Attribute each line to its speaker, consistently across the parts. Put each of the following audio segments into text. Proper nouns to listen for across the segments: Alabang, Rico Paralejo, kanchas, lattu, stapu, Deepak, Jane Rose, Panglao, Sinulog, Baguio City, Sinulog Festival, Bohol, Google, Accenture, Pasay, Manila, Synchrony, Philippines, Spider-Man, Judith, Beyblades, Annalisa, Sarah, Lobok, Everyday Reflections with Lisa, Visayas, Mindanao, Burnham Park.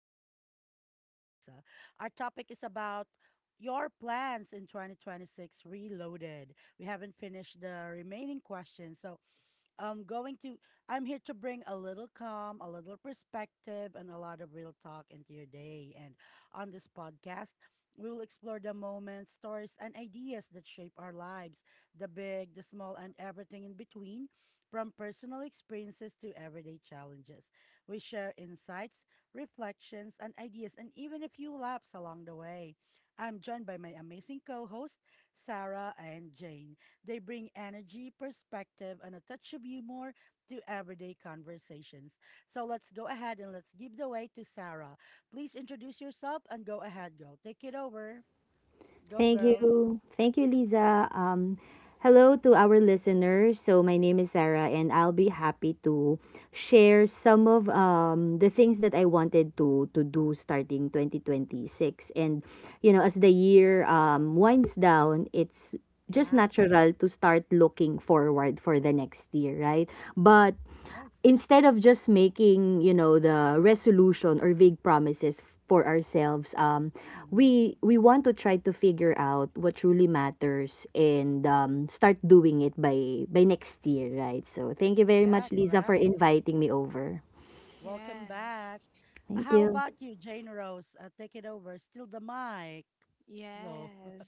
Speaker 1: Reflections with Lisa. Our topic is about your plans in 2026 reloaded. We haven't finished the remaining questions, so I'm going to, I'm here to bring a little calm, a little perspective, and a lot of real talk into your day. And on this podcast, we will explore the moments, stories, and ideas that shape our lives, the big, the small, and everything in between, from personal experiences to everyday challenges. We share insights, reflections, and ideas, and even a few laughs along the way. I'm joined by my amazing co hosts Sarah and Jane. They bring energy, perspective, and a touch of humor to everyday conversations. So let's go ahead and let's give the way to Sarah. Please introduce yourself and go ahead, girl. Take it over. Go,
Speaker 2: Thank
Speaker 1: girl.
Speaker 2: you. Thank you, Lisa. Hello to our listeners. So my name is Sarah, and I'll be happy to share some of the things that I wanted to do starting 2026. And as the year winds down, it's just
Speaker 1: Yeah,
Speaker 2: natural to start looking forward for the next year, right? But
Speaker 1: yes.
Speaker 2: instead of just making the resolution or vague promises for ourselves,
Speaker 1: Hmm.
Speaker 2: we want to try to figure out what truly matters, and start doing it by next year, right? So thank you very
Speaker 1: Yeah,
Speaker 2: much, Lisa, for
Speaker 1: correct.
Speaker 2: inviting me over.
Speaker 1: Welcome
Speaker 3: Yes,
Speaker 1: back.
Speaker 2: Thank
Speaker 1: How
Speaker 2: you.
Speaker 1: about you, Jane Rose? Take it over. Still the mic. Go.
Speaker 3: yes.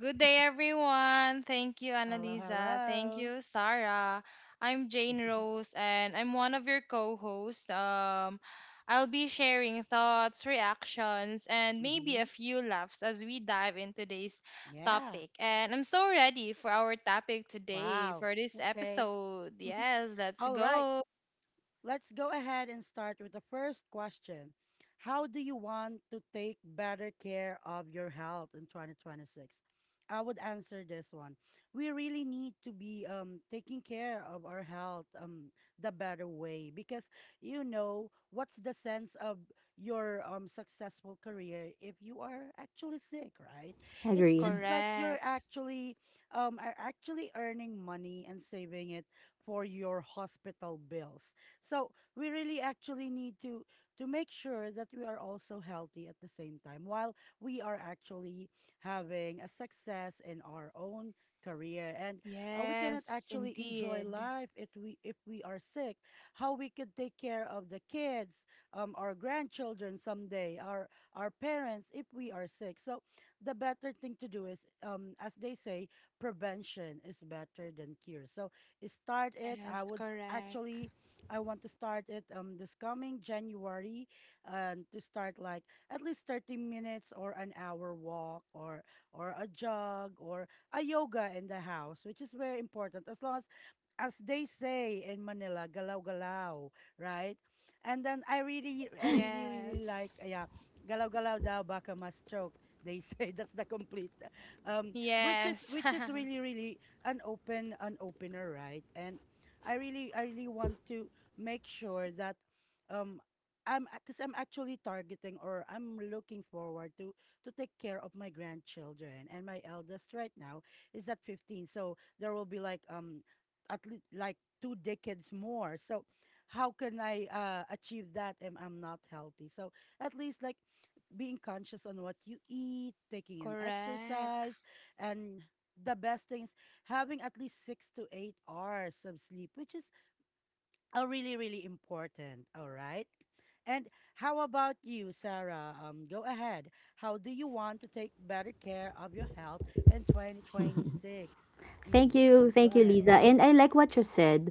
Speaker 3: Good day, everyone. Thank you,
Speaker 1: Hello,
Speaker 3: Annalisa. Thank
Speaker 1: hello.
Speaker 3: you, Sarah. I'm Jane Rose, and I'm one of your co hosts. I'll be sharing thoughts, reactions, and maybe a
Speaker 1: Hmm.
Speaker 3: few laughs as we dive into today's
Speaker 1: Yeah.
Speaker 3: topic. And I'm so ready for our topic today
Speaker 1: Wow.
Speaker 3: for this
Speaker 1: Okay.
Speaker 3: episode. Yes, let's
Speaker 1: All right.
Speaker 3: go.
Speaker 1: Let's go ahead and start with the first question. How do you want to take better care of your health in 2026? I would answer this one. We really need to be taking care of our health the better way because you know what's the sense of your successful career if you are actually sick, right? It's
Speaker 2: Agree.
Speaker 1: just like you're
Speaker 3: Correct.
Speaker 1: actually um are actually earning money and saving it for your hospital bills. So we really actually need to make sure that we are also healthy at the same time while we are actually having a success in our own career. And we cannot
Speaker 3: Yes,
Speaker 1: actually enjoy
Speaker 3: indeed.
Speaker 1: life if we are sick. How we could take care of the kids, our grandchildren, someday our parents if we are sick. So the better thing to do is, as they say, prevention is better than cure. So start it. i
Speaker 3: Yes,
Speaker 1: would
Speaker 3: correct.
Speaker 1: actually I want to start it this coming January, and to start like at least 30 minutes or an hour walk, or a jog, or a yoga in the house, which is very important as long as they say in Manila, galaw galaw, right? And then I really really like,
Speaker 3: Yes.
Speaker 1: yeah, galaw galaw daw baka ma stroke, they say. That's the complete,
Speaker 3: Yes.
Speaker 1: which is really really an opener, right? And I really want to make sure that, um I'm actually targeting or I'm looking forward to take care of my grandchildren, and my eldest right now is at 15. So there will be like, at least like two decades more. So how can I achieve that if I'm not healthy? So at least like being conscious on what you eat, taking an
Speaker 3: Correct.
Speaker 1: exercise, and the best thing is having at least 6 to 8 hours of sleep, which is are really, really important. All right. And how about you, Sarah? Go ahead. How do you want to take better care of your health in 2026? Mm, go
Speaker 2: Thank you,
Speaker 1: ahead.
Speaker 2: Lisa. And I like what you said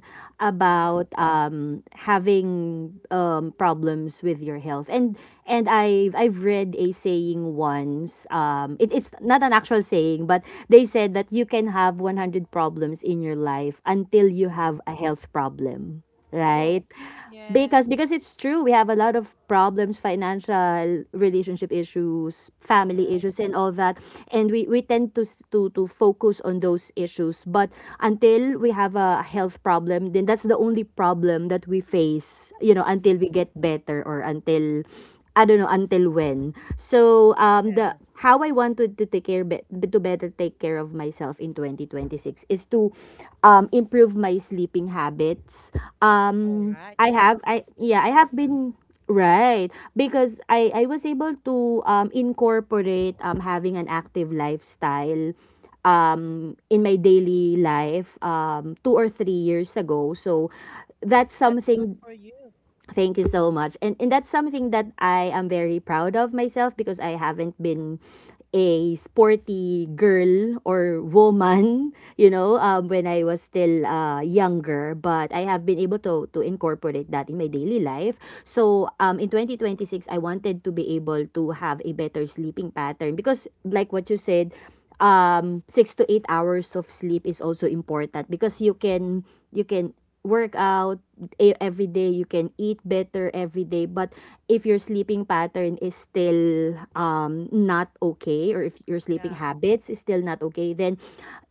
Speaker 1: Yeah.
Speaker 2: about having problems with your health. And I've read a saying once. Um, it,
Speaker 1: Mm-hmm.
Speaker 2: it's not an actual saying, but they said that you can have 100 problems in your life until you
Speaker 1: Mm-hmm.
Speaker 2: have a health problem,
Speaker 1: Oh,
Speaker 2: right? Because
Speaker 3: Yes.
Speaker 2: it's true, we have a lot of problems: financial, relationship issues, family
Speaker 1: correct.
Speaker 2: issues, and all that. And we tend to focus on those issues, but until we have a health problem, then that's the only problem that we face, you know, until we
Speaker 1: Mm-hmm.
Speaker 2: get better or until I don't know until when. So the
Speaker 1: Yes.
Speaker 2: how I wanted to take care, to better take care of myself in 2026 is to improve my sleeping habits.
Speaker 1: All right.
Speaker 2: I
Speaker 1: Yeah.
Speaker 2: have I
Speaker 1: It's
Speaker 2: Yeah, I have
Speaker 1: important.
Speaker 2: been right, because I was able to incorporate having an active lifestyle in my daily life 2 or 3 years ago. So that's
Speaker 1: That's good
Speaker 2: something.
Speaker 1: for you.
Speaker 2: Thank you so much. And that's something that I am very proud of myself, because I haven't been a sporty girl or woman, you know, when I was still younger. But I have been able to incorporate that in my daily life. So in 2026, I wanted to be able to have a better sleeping pattern because, like what you said, 6 to 8 hours of sleep is also important, because you can work out every day, you can eat better every day, but if your sleeping pattern is still not okay, or if your sleeping
Speaker 1: Yeah.
Speaker 2: habits is still not okay, then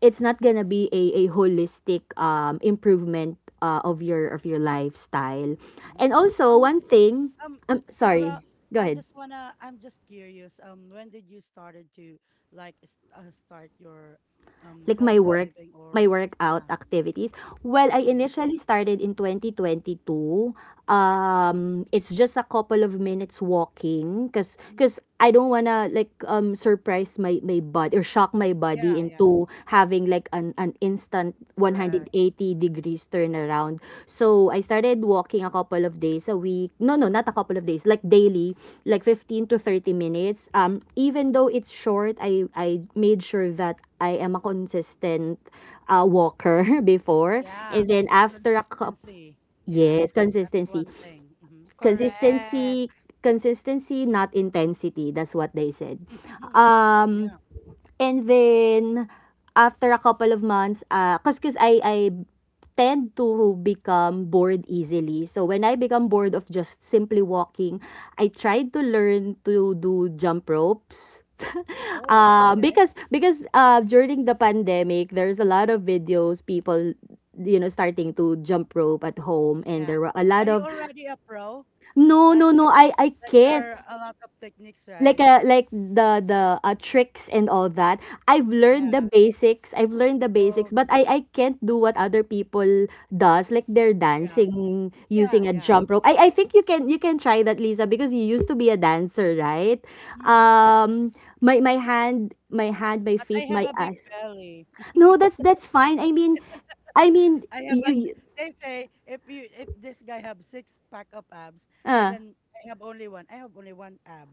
Speaker 2: it's not gonna be a holistic improvement of your lifestyle. And
Speaker 1: Mm-hmm.
Speaker 2: also
Speaker 1: Um,
Speaker 2: one thing,
Speaker 1: Um,
Speaker 2: sorry,
Speaker 1: Sarah,
Speaker 2: go ahead.
Speaker 1: I'm just curious. When did you started to like start your
Speaker 2: Like my
Speaker 1: healthy
Speaker 2: work,
Speaker 1: living
Speaker 2: my
Speaker 1: or
Speaker 2: workout
Speaker 1: yeah.
Speaker 2: activities. Well, I
Speaker 1: Mm-hmm.
Speaker 2: initially started in 2022. It's just a couple of minutes walking, because
Speaker 1: Mm.
Speaker 2: I don't wanna, like, surprise my body or shock my body
Speaker 1: Yeah, yeah,
Speaker 2: into having like an instant
Speaker 1: correct.
Speaker 2: 180 degrees turnaround. So I started walking a couple of days a week. No, no, not a couple of days, like daily, like 15 to 30 minutes. Even though it's short, I made sure that I am a consistent, walker before,
Speaker 1: Yeah.
Speaker 2: and then after a cup,
Speaker 1: Consistency. Yeah.
Speaker 2: yes,
Speaker 1: That's
Speaker 2: consistency.
Speaker 1: one thing. Mm-hmm. Go ahead.
Speaker 2: Consistency,
Speaker 3: Correct.
Speaker 2: consistency, not intensity, that's what they said. Um,
Speaker 1: Yeah.
Speaker 2: and then, after a couple of months, ah, 'cause I tend to become bored easily. So when I become bored of just simply walking, I tried to learn to do jump ropes.
Speaker 1: Oh, okay.
Speaker 2: Because during the pandemic, there's a lot of videos, people, starting to jump rope at home, and
Speaker 1: Yeah.
Speaker 2: there were a lot
Speaker 1: Are you
Speaker 2: of,
Speaker 1: already a pro?
Speaker 2: no
Speaker 1: Like
Speaker 2: no no, I
Speaker 1: like
Speaker 2: can't,
Speaker 1: there are a lot of techniques,
Speaker 2: like
Speaker 1: right?
Speaker 2: a, like the tricks and all that. i've
Speaker 1: Yeah.
Speaker 2: learned the basics i've learned the basics
Speaker 1: Oh,
Speaker 2: but I can't do what other people does, like they're
Speaker 1: yeah.
Speaker 2: dancing
Speaker 1: Yeah,
Speaker 2: using a
Speaker 1: yeah.
Speaker 2: jump rope. I think you can try that, Lisa, because you used to be a dancer, right?
Speaker 1: Mm.
Speaker 2: Um, my hand, my hand, my
Speaker 1: But I
Speaker 2: feet,
Speaker 1: have
Speaker 2: my
Speaker 1: a big
Speaker 2: eyes.
Speaker 1: belly.
Speaker 2: No, that's that's fine. I mean
Speaker 1: I have an
Speaker 2: you, you,
Speaker 1: They say if, you if this guy have six pack of abs, and
Speaker 2: uh,
Speaker 1: then I have only one. I have only one ab.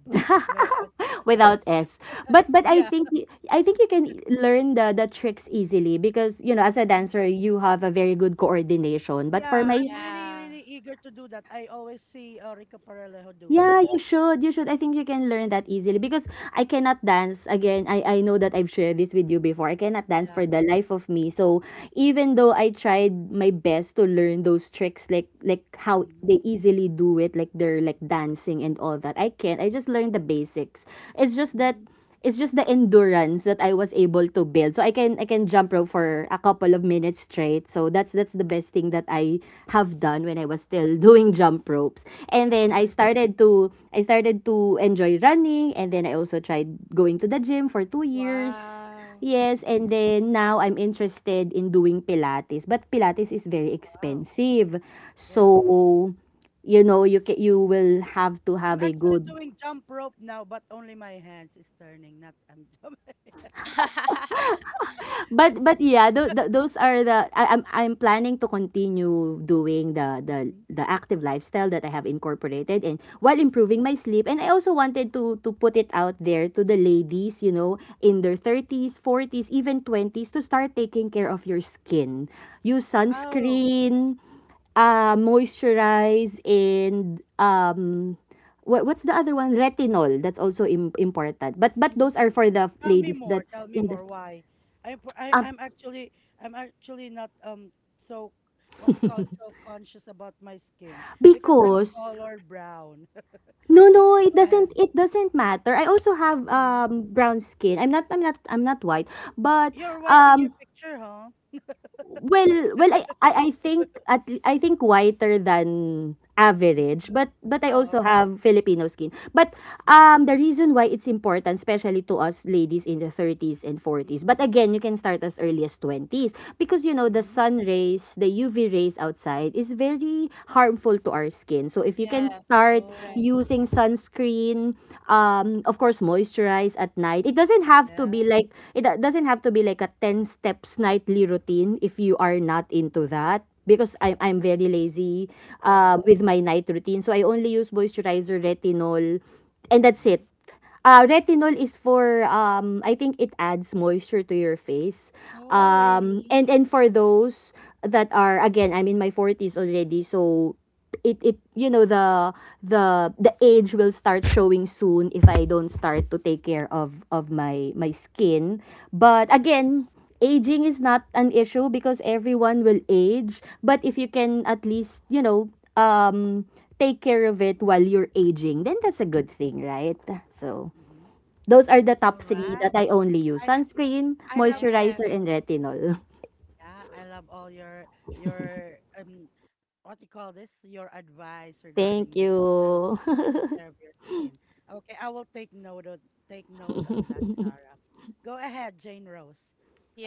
Speaker 1: No S.
Speaker 2: without S. but but i
Speaker 1: Yeah.
Speaker 2: think y- i think you can, learn the tricks easily, because you know, as a
Speaker 1: Mm.
Speaker 2: dancer, you have a very good coordination. But for
Speaker 1: Yeah,
Speaker 2: my,
Speaker 1: I'm really,
Speaker 3: Yeah.
Speaker 1: really eager to do that. I always see Rico Paralejo doing
Speaker 2: yeah,
Speaker 1: that.
Speaker 2: you should. I think you can learn that easily, because I cannot dance again I know that I've shared this with you before, I cannot dance
Speaker 1: Yeah.
Speaker 2: for the life of me. So, even though I tried my best to learn those tricks, like how
Speaker 1: Mm-hmm.
Speaker 2: they easily do it, like they're like dancing and all that, I can't. I just learned the basics. It's just that,
Speaker 1: Mm-hmm.
Speaker 2: it's just the endurance that I was able to build. So I can jump rope for a couple of minutes straight. So that's the best thing that I have done when I was still doing jump ropes. And then I started to enjoy running, and then I also tried going to the gym for 2 years.
Speaker 3: Wow.
Speaker 2: Yes, and then now I'm interested in doing pilates, but pilates is very
Speaker 1: Wow.
Speaker 2: expensive.
Speaker 1: Yeah.
Speaker 2: So, you know, you will have to
Speaker 1: I'm
Speaker 2: have a
Speaker 1: actually
Speaker 2: good.
Speaker 1: doing jump rope now, but only my hands is turning, not I'm
Speaker 2: But yeah, those are the, I'm planning to continue doing the the
Speaker 1: jumping.
Speaker 2: the active lifestyle that I have incorporated, and while improving my sleep, and I also wanted to put it out there to the ladies, you know, in their 30s, 40s, even 20s, to start taking care of your skin. Use
Speaker 1: Oh,
Speaker 2: sunscreen, moisturize, and um, what's the other one, retinol, that's also important. But
Speaker 1: mhm.
Speaker 2: those are for the
Speaker 1: Tell me
Speaker 2: ladies
Speaker 1: more.
Speaker 2: that's
Speaker 1: Tell me
Speaker 2: in the,
Speaker 1: more. Why?
Speaker 2: um,
Speaker 1: I'm actually, I'm actually not so what they call so conscious about my skin because I'm
Speaker 2: because,
Speaker 1: color brown.
Speaker 2: no, no,
Speaker 1: Okay,
Speaker 2: it
Speaker 1: go ahead.
Speaker 2: doesn't, it doesn't matter. I also have,
Speaker 1: Hmm.
Speaker 2: brown skin. I'm not white, but,
Speaker 1: You're white in your
Speaker 2: um,
Speaker 1: picture, huh?
Speaker 2: well, well, I think at, I think whiter than average, but I
Speaker 1: Oh,
Speaker 2: also
Speaker 1: okay.
Speaker 2: have Filipino skin. But
Speaker 1: Mm-hmm.
Speaker 2: the reason why it's important, especially to us ladies in the 30s and forties, but again, you can start as early as twenties, because you know the
Speaker 1: Mm-hmm.
Speaker 2: sun rays, the UV rays outside is very harmful to our skin. So if you can
Speaker 3: Yes.
Speaker 2: start
Speaker 1: Oh,
Speaker 3: Correct.
Speaker 2: using sunscreen, um, of course moisturize at night. It doesn't have to
Speaker 1: yeah,
Speaker 2: be like, doesn't have to be like a ten steps nightly routine if you are not into that, because I'm very lazy,
Speaker 1: yeah.
Speaker 2: with my night routine. So I only use moisturizer, retinol, and that's
Speaker 1: Mm-hmm.
Speaker 2: it. Retinol is for um, I think it adds moisture to your face.
Speaker 3: Oh,
Speaker 1: Okay.
Speaker 2: Um, and
Speaker 3: really?
Speaker 2: and for those that are, again, I'm in my forties already, so it, you know, the age will start showing soon if I don't start to take care of my my skin. But
Speaker 1: Mm-hmm.
Speaker 2: again, aging is not an issue because everyone will age, but if you can at least, you know, um, take care of it while you're aging, then that's a
Speaker 1: Mm-hmm.
Speaker 2: good thing, right? So,
Speaker 1: Mm-hmm.
Speaker 2: those are the
Speaker 1: All
Speaker 2: top three that
Speaker 1: right.
Speaker 2: I only use:
Speaker 1: I
Speaker 2: sunscreen,
Speaker 1: I love
Speaker 3: Yes.
Speaker 2: moisturizer, and retinol.
Speaker 1: Yeah, I love all your, what you call this? Your advice
Speaker 2: Thank
Speaker 1: regarding this, those,
Speaker 2: you.
Speaker 1: taking care of your skin. Okay, I will take note on that, Sarah. Go ahead, Jane Rose.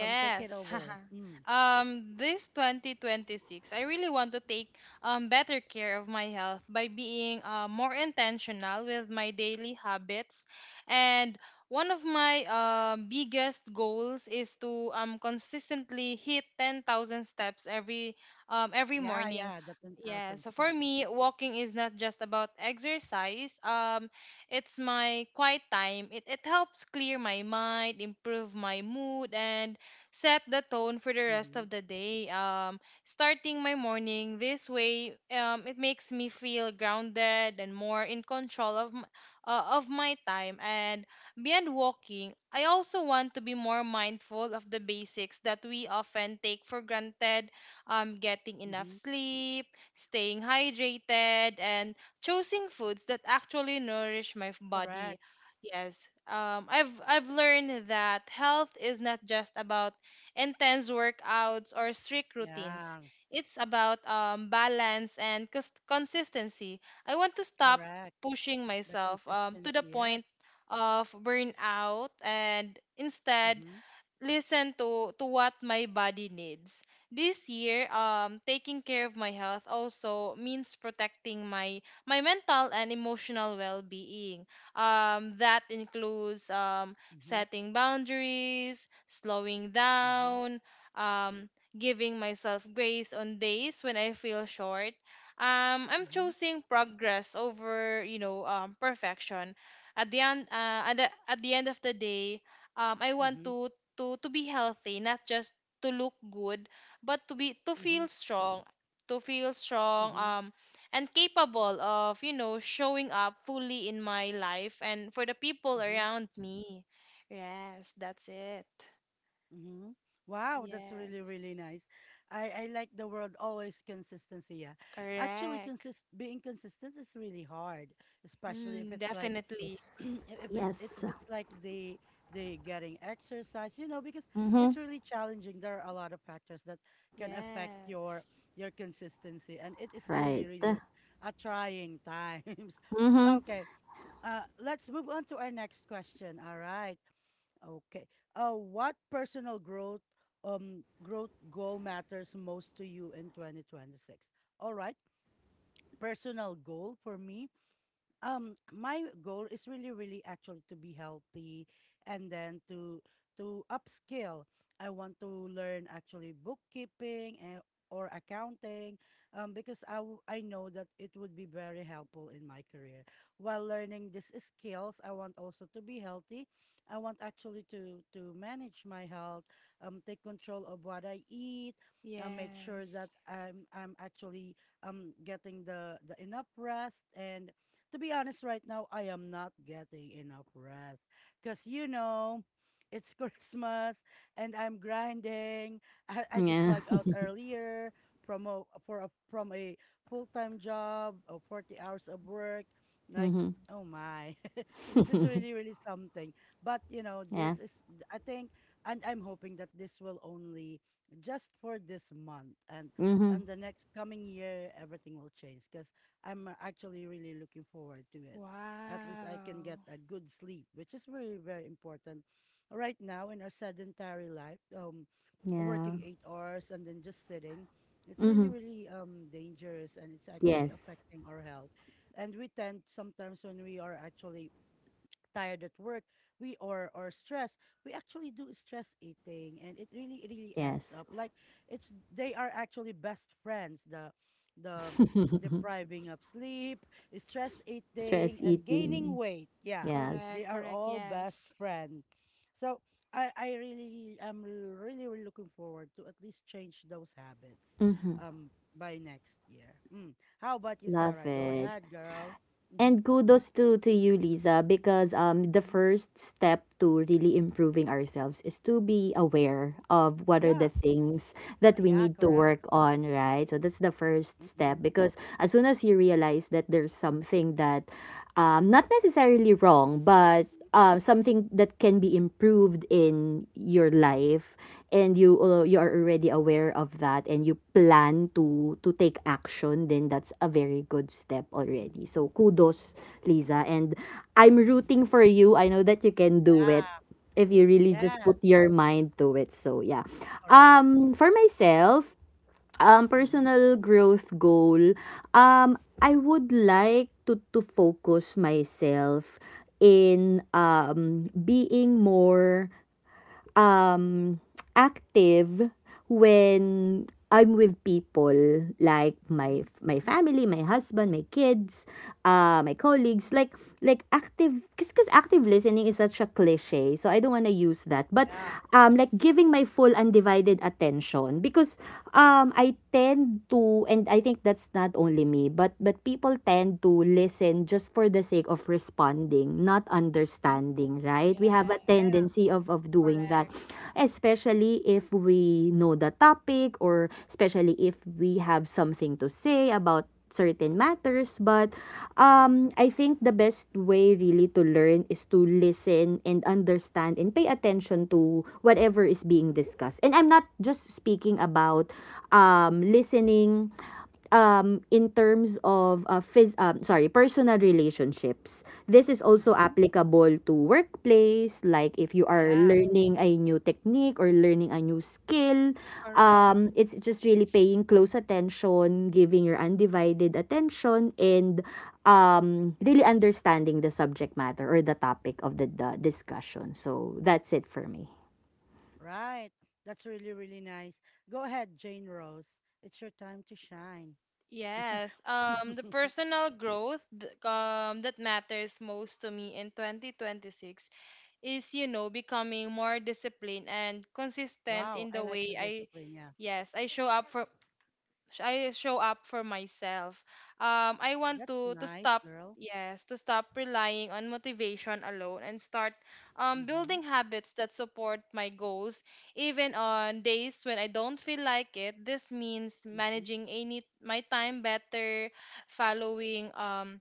Speaker 1: Take it over. Mm.
Speaker 3: This 2026, I really want to take better care of my health by being more intentional with my daily habits, and one of my biggest goals is to consistently hit 10,000 steps every
Speaker 1: Yeah,
Speaker 3: morning.
Speaker 1: yeah, the ten
Speaker 3: Yeah,
Speaker 1: thousand
Speaker 3: so for
Speaker 1: steps.
Speaker 3: me, walking is not just about exercise. It's my quiet time. It helps clear my mind, improve my mood, and set the tone for the
Speaker 1: Mm-hmm.
Speaker 3: rest of the day. Starting my morning this way, it makes me feel grounded and more in control of of my time. And beyond walking, I also want to be more mindful of the basics that we often take for granted: getting enough
Speaker 1: Mm-hmm.
Speaker 3: sleep, staying hydrated, and choosing foods that actually nourish my
Speaker 1: Correct.
Speaker 3: body. Yes. I've learned that health is not just about intense workouts or strict routines.
Speaker 1: Yeah,
Speaker 3: It's about balance and consistency. I want to stop
Speaker 1: correct.
Speaker 3: pushing
Speaker 1: The
Speaker 3: myself to the
Speaker 1: consistency, yes.
Speaker 3: point of burnout, and instead
Speaker 1: Mm-hmm.
Speaker 3: listen to what my body needs. This year, taking care of my health also means protecting my mental and emotional well-being. That includes
Speaker 1: Mm-hmm.
Speaker 3: setting boundaries, slowing
Speaker 1: Mm-hmm.
Speaker 3: down, um, giving myself grace on days when I feel short. I'm
Speaker 1: Mm-hmm.
Speaker 3: choosing progress over, you know, perfection. At the end of the day, I want
Speaker 1: Mm-hmm.
Speaker 3: to to be healthy, not just to look good, but to be to feel strong
Speaker 1: Mm-hmm.
Speaker 3: and capable of, you know, showing up fully in my life and for the people
Speaker 1: Mm-hmm.
Speaker 3: around me. Yes, that's it.
Speaker 1: Mm-hmm. Wow, that's really,
Speaker 3: Yes.
Speaker 1: really nice. I like the word always consistency. Yeah. Actually,
Speaker 3: Correct.
Speaker 1: consist being consistent is really hard, especially if
Speaker 3: Mm,
Speaker 1: it's like
Speaker 2: Yes.
Speaker 3: definitely.
Speaker 1: if it's
Speaker 2: Yes.
Speaker 1: it's if it's like the getting exercise, you know, because
Speaker 2: Mm-hmm.
Speaker 1: it's really challenging. There are a lot of factors that can affect
Speaker 3: Yes.
Speaker 1: your consistency, and it is really,
Speaker 2: Right.
Speaker 1: really a trying times.
Speaker 2: Mm-hmm.
Speaker 1: Okay, let's move on to our next question. All right. Okay. What personal growth goal matters most to you in 2026? All right. Personal goal for me, my goal is really really actually to be healthy, and then to upskill. I want to learn actually bookkeeping and or accounting, because I know that it would be very helpful in my career. While learning these skills, I want also to be healthy. I want actually to manage my health, take control of what I eat, make sure that
Speaker 3: Yes.
Speaker 1: I'm actually, getting the enough rest. And to be honest, right now, I am not getting enough rest. Because, you know, it's Christmas and I'm grinding. I just
Speaker 2: Yeah.
Speaker 1: log out earlier from a full-time job, 40 hours of work. Like,
Speaker 2: Mm-hmm.
Speaker 1: oh my, this is really, really something. But, you know,
Speaker 2: Yeah.
Speaker 1: this is, I think, and I'm hoping that this will only just for this month,
Speaker 2: Mm-hmm.
Speaker 1: and the next coming year everything will change because I'm actually really looking forward to it. At least I can
Speaker 3: Wow.
Speaker 1: get a good sleep, which is very, very important. Right now, in our sedentary life,
Speaker 2: Yeah.
Speaker 1: working 8 hours and then just sitting, it's really,
Speaker 2: Mm-hmm.
Speaker 1: really dangerous, and it's actually
Speaker 2: Yes.
Speaker 1: affecting our health. And we tend sometimes when we are actually tired at work, we or stressed, we actually do stress eating, and it really really adds
Speaker 2: Yes.
Speaker 1: up. Like it's, they are actually best friends. The depriving of sleep, stress eating,
Speaker 2: Stress
Speaker 1: and gaining
Speaker 2: eating.
Speaker 1: weight. Yeah,
Speaker 2: Yes.
Speaker 3: Correct,
Speaker 1: they are
Speaker 3: correct.
Speaker 1: all best
Speaker 3: Yes.
Speaker 1: friends. So I really am really really looking forward to at least change those habits.
Speaker 2: Mm-hmm.
Speaker 1: By next year. Mm. How about you,
Speaker 2: Love
Speaker 1: Sarah? Go
Speaker 2: it.
Speaker 1: ahead, girl. Mm-hmm.
Speaker 2: And kudos to you, Lisa, because um, the
Speaker 1: Mm-hmm.
Speaker 2: first step to really improving ourselves is to be aware of what are
Speaker 1: Yeah,
Speaker 2: the things that we
Speaker 1: yeah,
Speaker 2: need to
Speaker 1: correct.
Speaker 2: work on, right? So that's the first step,
Speaker 1: Mhm,
Speaker 2: because as soon as you realize that there's something that, not necessarily wrong, but
Speaker 1: mhm,
Speaker 2: something that can be improved in your life, and you, you are already aware of that, and you plan to take action, then that's a very good step
Speaker 1: mhm,
Speaker 2: already. So kudos, Liza, and I'm
Speaker 1: mhm.
Speaker 2: rooting for you. I know that you can do it if you really
Speaker 1: Yeah.
Speaker 2: just
Speaker 1: Yes.
Speaker 2: put your mind to it. So yeah,
Speaker 1: Correct.
Speaker 2: for myself, um,
Speaker 1: Mhm,
Speaker 2: personal growth goal, um, I would like to focus myself in um, being more um, active when I'm with people, like my
Speaker 1: mhm,
Speaker 2: my family, my husband, my kids, my
Speaker 1: mhm,
Speaker 2: colleagues. Like active, cause active listening is such a cliche, so I don't wanna use that. But
Speaker 1: yeah,
Speaker 2: like giving my full, undivided attention, because I tend to, and I think that's not only me, but people tend to listen just for the sake of responding, not
Speaker 1: mhm,
Speaker 2: understanding, right? We have a
Speaker 3: Yes.
Speaker 1: yeah,
Speaker 2: tendency of doing that,
Speaker 3: Correct.
Speaker 2: especially if we know the topic or especially if we have something to say about certain matters, but
Speaker 1: mhm,
Speaker 2: I think the best way really to learn is to listen and understand and pay attention to whatever is being discussed. And I'm not just speaking about listening in terms of phys- sorry personal relationships. This is also
Speaker 1: mhm.
Speaker 2: applicable to workplace, like if you are
Speaker 1: Yeah.
Speaker 2: learning a new technique or learning a new skill.
Speaker 3: Correct.
Speaker 2: It's just really paying close attention, giving your undivided attention, and really understanding the subject matter or the topic of the discussion. So that's it for me.
Speaker 1: Right. That's really, really nice. Go ahead, Jane Rose. It's your time to shine.
Speaker 3: Yes, the personal growth that matters most to me in 2026 is, you know, becoming more disciplined and consistent
Speaker 1: Wow.
Speaker 3: in
Speaker 1: I
Speaker 3: the
Speaker 1: like the
Speaker 3: way I,
Speaker 1: discipline. Yeah.
Speaker 3: yes, I show up for I show up for myself. I want
Speaker 1: That's
Speaker 3: to
Speaker 1: nice,
Speaker 3: stop,
Speaker 1: girl.
Speaker 3: yes, to stop relying on motivation alone and start
Speaker 1: Mhm,
Speaker 3: building habits that support my goals even on days when I don't feel like it. This means
Speaker 1: mhm,
Speaker 3: managing any my time better, following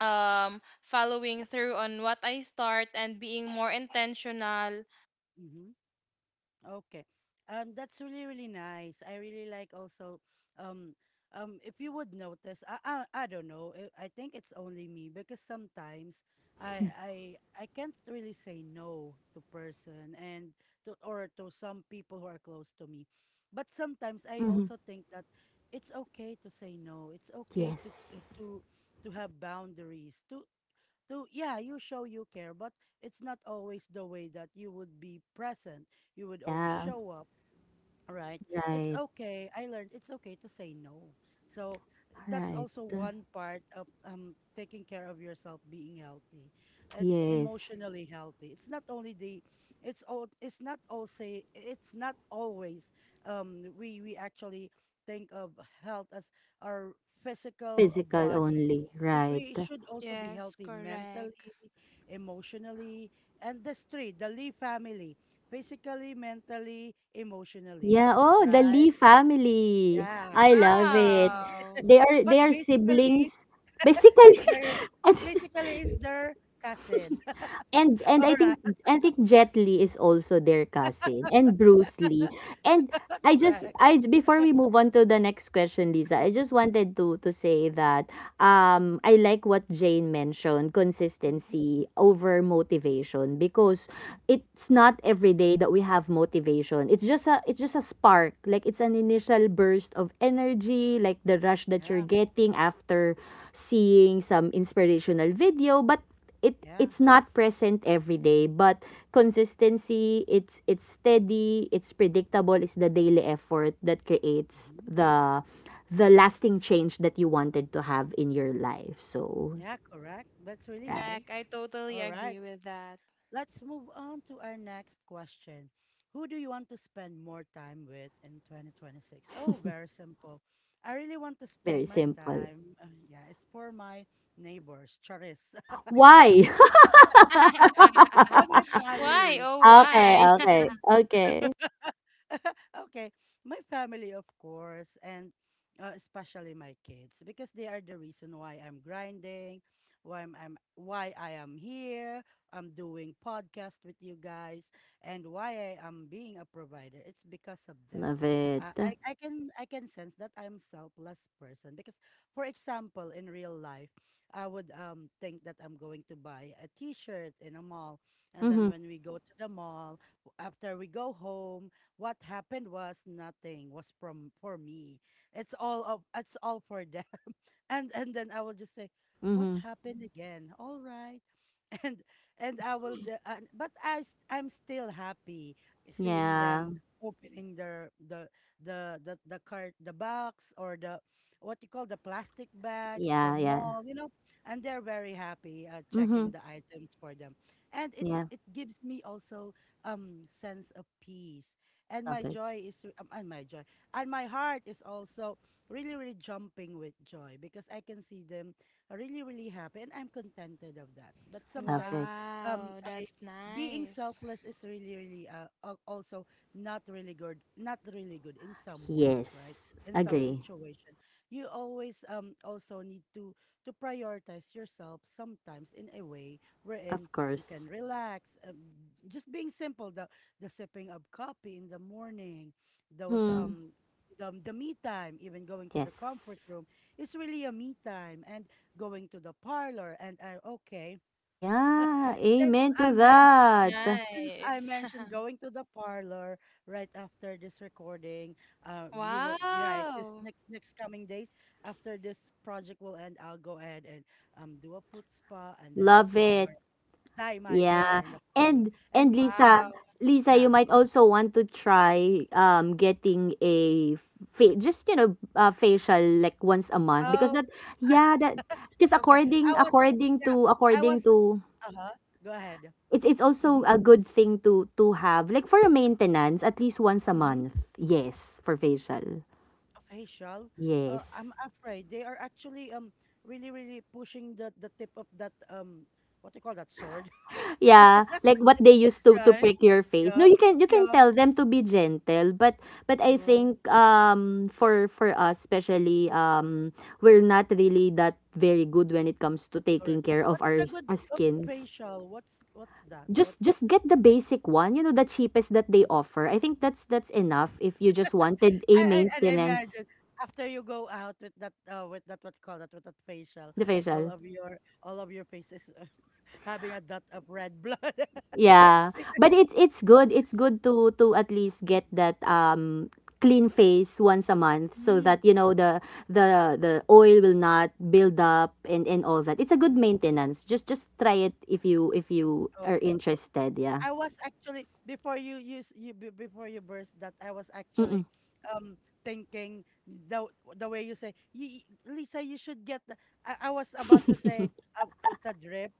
Speaker 3: um following through on what I start and being more intentional.
Speaker 1: mhm. Okay. That's really, really nice. I really like also, um, if you would notice, I don't know. I think it's only me because sometimes I can't really say no to person and or to some people who are close to me. But sometimes I
Speaker 2: Mm-hmm.
Speaker 1: also think that it's okay to say no. It's okay to,
Speaker 2: Yes.
Speaker 1: to have boundaries, to, yeah, you show you care, but it's not always the way that you would be present, you would always
Speaker 2: Yeah.
Speaker 1: show up. Right. It's
Speaker 2: Right.
Speaker 1: okay. I learned it's okay to say no. So
Speaker 2: All
Speaker 1: that's
Speaker 2: right.
Speaker 1: also one part of taking care of yourself, being healthy, and
Speaker 2: Yes.
Speaker 1: emotionally healthy. It's not only the, it's all. It's not all say. It's not always. We actually think of health as our physical
Speaker 2: Physical
Speaker 1: body.
Speaker 2: only,
Speaker 1: We
Speaker 2: right.
Speaker 1: should also be
Speaker 3: Yes,
Speaker 1: healthy
Speaker 3: correct.
Speaker 1: mentally, emotionally, and the street, the Lee family, physically, mentally, emotionally.
Speaker 2: Yeah, oh,
Speaker 1: Wow.
Speaker 2: the
Speaker 1: Right?
Speaker 2: Lee family.
Speaker 1: Yeah,
Speaker 2: I love
Speaker 1: the
Speaker 2: it.
Speaker 1: Lee.
Speaker 3: Wow.
Speaker 2: They are
Speaker 1: But
Speaker 2: they are siblings
Speaker 1: it's
Speaker 2: basically.
Speaker 1: their basically it's their cousin.
Speaker 2: And and, and
Speaker 1: All right.
Speaker 2: I think Jet Li is also their cousin, and Bruce Lee. And I just
Speaker 1: Correct.
Speaker 2: I before we move on to the next question, Lisa, I just wanted to say that I like what Jane mentioned,
Speaker 1: Mhm,
Speaker 2: consistency over motivation, because
Speaker 1: mhm.
Speaker 2: it's not every day that we have motivation. It's just a spark. Like, it's an initial burst of energy, like the rush that you're
Speaker 1: Yeah,
Speaker 2: getting after seeing some inspirational video, but it
Speaker 1: yeah,
Speaker 2: it's not present every day. But consistency, it's steady, it's predictable, it's the daily effort that creates
Speaker 1: mhm,
Speaker 2: the lasting change that you wanted to have in your life. So,
Speaker 1: yeah, correct. That's really
Speaker 2: right,
Speaker 1: nice.
Speaker 3: Correct. I totally
Speaker 1: All right,
Speaker 3: agree with that.
Speaker 1: let's move on to our next question. Who do you want to spend more time with in 2026? Oh, very simple. I really want to spend
Speaker 2: very
Speaker 1: my
Speaker 2: simple.
Speaker 1: time. Yeah, it's for my neighbors, Charis.
Speaker 2: Why?
Speaker 1: Oh, my
Speaker 3: Why?
Speaker 1: family.
Speaker 3: Oh,
Speaker 2: Okay,
Speaker 3: why?
Speaker 2: okay, okay.
Speaker 1: Okay, my family, of course, and especially my kids, because they are the reason why I'm grinding, why I am here. I'm doing podcast with you guys, and why I am being a provider. It's because of them.
Speaker 2: Love
Speaker 1: Uh,
Speaker 2: it.
Speaker 1: I I can I can sense that I'm selfless person because, for example, in real life, I would think that I'm going to buy a T-shirt in a mall, and then
Speaker 2: Mhm,
Speaker 1: when we go to the mall, after we go home, what happened was nothing was from for me. It's all of it's all for them. And then I will just say, "What
Speaker 2: mhm.
Speaker 1: happened again?" All right. and and I will. But I'm still happy seeing
Speaker 2: Yeah,
Speaker 1: them opening the cart, the box, or the what you call, the plastic bags
Speaker 2: yeah,
Speaker 1: from
Speaker 2: yeah.
Speaker 1: mall. And they're very happy, checking
Speaker 2: Mhm,
Speaker 1: the items for them. And it's
Speaker 2: yeah.
Speaker 1: it gives me also sense of peace. and
Speaker 2: Love
Speaker 1: my
Speaker 2: it,
Speaker 1: joy is um, and my joy and my heart is also really, really jumping with joy because I can see them really, really happy, and I'm contented of that. But
Speaker 2: love
Speaker 1: sometimes,
Speaker 2: it.
Speaker 1: um,
Speaker 3: Wow,
Speaker 1: I,
Speaker 3: that's
Speaker 1: being
Speaker 3: nice.
Speaker 1: selfless is really, really, also not really good, not really good in some ways, right?
Speaker 2: Yes,
Speaker 1: In some
Speaker 2: agree.
Speaker 1: situation, you always, also need to prioritize yourself sometimes in a way wherein
Speaker 2: Of
Speaker 1: you
Speaker 2: course.
Speaker 1: can relax. Just being simple, the sipping of coffee in the morning, those,
Speaker 2: Mhm.
Speaker 1: the me time, even going to the comfort
Speaker 2: Yes.
Speaker 1: room, is really a me time. And going to the parlor. And I, okay,
Speaker 2: Yeah.
Speaker 1: since
Speaker 2: Amen
Speaker 1: I
Speaker 2: to
Speaker 1: men-
Speaker 2: that.
Speaker 1: since I
Speaker 3: Nice.
Speaker 1: mentioned going to the parlor right after this recording, you know, you're right, this
Speaker 3: Wow.
Speaker 1: next coming days, after this project will end, I'll go ahead and do a foot spa and then a
Speaker 2: Love it.
Speaker 1: color, dye my
Speaker 2: Yeah,
Speaker 1: hair in the parlor. And
Speaker 2: and Lisa,
Speaker 1: mhm,
Speaker 3: Wow.
Speaker 2: Lisa, you
Speaker 1: yeah.
Speaker 2: might also want to try getting a just facial like once a month, because
Speaker 1: Oh,
Speaker 2: that yeah that because
Speaker 1: okay.
Speaker 2: according
Speaker 1: I was,
Speaker 2: according
Speaker 1: yeah,
Speaker 2: to
Speaker 1: I was.
Speaker 2: according to
Speaker 1: Uh huh. Go ahead.
Speaker 2: it's also a good thing to have like for a maintenance at least once a month. Yes, for facial.
Speaker 1: A facial. I'm
Speaker 2: Yes.
Speaker 1: afraid they are actually, really really pushing the tip of that, what do you call that, sword,
Speaker 2: Yeah, like what they used to
Speaker 1: right?
Speaker 2: prick your face. No,
Speaker 1: Yeah,
Speaker 2: you can
Speaker 1: yeah.
Speaker 2: tell them to be gentle. But I
Speaker 1: Uh,
Speaker 2: think for us especially we're not really that very good when it comes to taking
Speaker 1: correct.
Speaker 2: care of
Speaker 1: What's
Speaker 2: our,
Speaker 1: the good
Speaker 2: our
Speaker 1: of
Speaker 2: skins.
Speaker 1: facial? What's that? What's...
Speaker 2: Just get the basic one, you know, the cheapest that they
Speaker 1: Mm.
Speaker 2: offer. I think that's enough if you just wanted a
Speaker 1: I
Speaker 2: maintenance.
Speaker 1: imagine after you go out with that, what you call that, with that facial,
Speaker 2: The
Speaker 1: all
Speaker 2: facial.
Speaker 1: of your all of your faces having a dot of red blood.
Speaker 2: Yeah,
Speaker 1: Because...
Speaker 2: but it's good. It's good to at least get that clean face once a month so
Speaker 1: mm-hmm.
Speaker 2: that you know the oil will not build up and all that. It's a good maintenance. Just try it if you are interested. Yeah.
Speaker 1: I was actually, before you use you be- before you burst that, I was actually, um thinking, the way you say, Lisa, you should get the, I was about to say, glutadrip.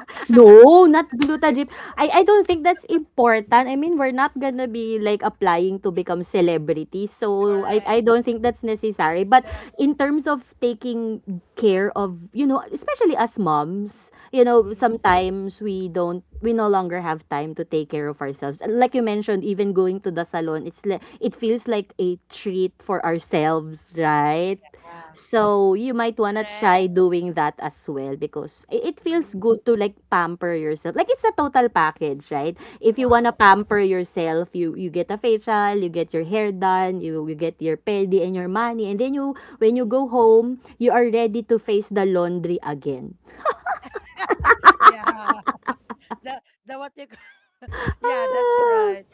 Speaker 2: No, not
Speaker 1: Glutadrip.
Speaker 2: glutajip. I don't think that's important. I mean, we're not gonna be like applying to become celebrities. So I
Speaker 3: Correct.
Speaker 2: don't think that's necessary. But
Speaker 1: Yeah.
Speaker 2: in terms of taking care of, you know, especially as moms, you know,
Speaker 1: Mm-hmm.
Speaker 2: sometimes we don't we no longer have time to take care of ourselves. And like you mentioned, even going to the salon, it's like it feels like a treat for ourselves, right?
Speaker 1: Yeah.
Speaker 2: So, you might wanna try
Speaker 3: Correct.
Speaker 2: doing that as well, because I it feels
Speaker 1: Mm.
Speaker 2: good to like pamper yourself. Like, it's a total package, right? If you wanna
Speaker 1: Wow.
Speaker 2: pamper yourself, you get a facial, you get your hair done, you get your pedi and your money, and then you when you
Speaker 1: Okay.
Speaker 2: go home, you are ready to face the laundry again.
Speaker 1: Yeah. The what you Yeah, that's
Speaker 2: Ah,
Speaker 1: right.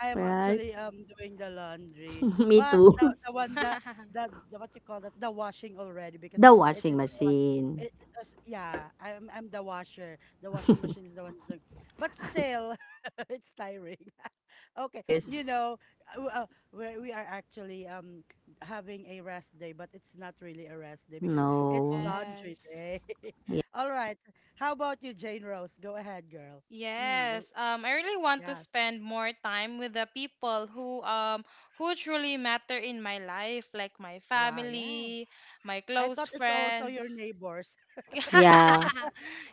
Speaker 1: I am
Speaker 2: right?
Speaker 1: actually, doing the laundry,
Speaker 2: Me
Speaker 1: but the,
Speaker 2: too.
Speaker 1: the one that, the what you call that, the washing already, because
Speaker 2: The
Speaker 1: it
Speaker 2: washing
Speaker 1: is the wash.
Speaker 2: machine.
Speaker 1: It was, yeah, I'm the washer. The washing machine is the one who's doing, but still, it's tiring. Okay,
Speaker 2: Yes.
Speaker 1: uh, uh, we are actually, having a rest day, but it's not really a rest day because it's
Speaker 2: No.
Speaker 1: laundry
Speaker 3: Yes.
Speaker 1: day.
Speaker 2: Yeah.
Speaker 1: All right, how about you, Jane Rose? Go ahead, girl. Mm.
Speaker 3: Yes, I really want to
Speaker 1: Yeah.
Speaker 3: spend more time with the people who truly matter in my life, like my
Speaker 1: Wow, yeah.
Speaker 3: family, my
Speaker 1: I
Speaker 3: close
Speaker 1: thought it's also
Speaker 3: friends.
Speaker 1: your neighbors.
Speaker 2: Yeah.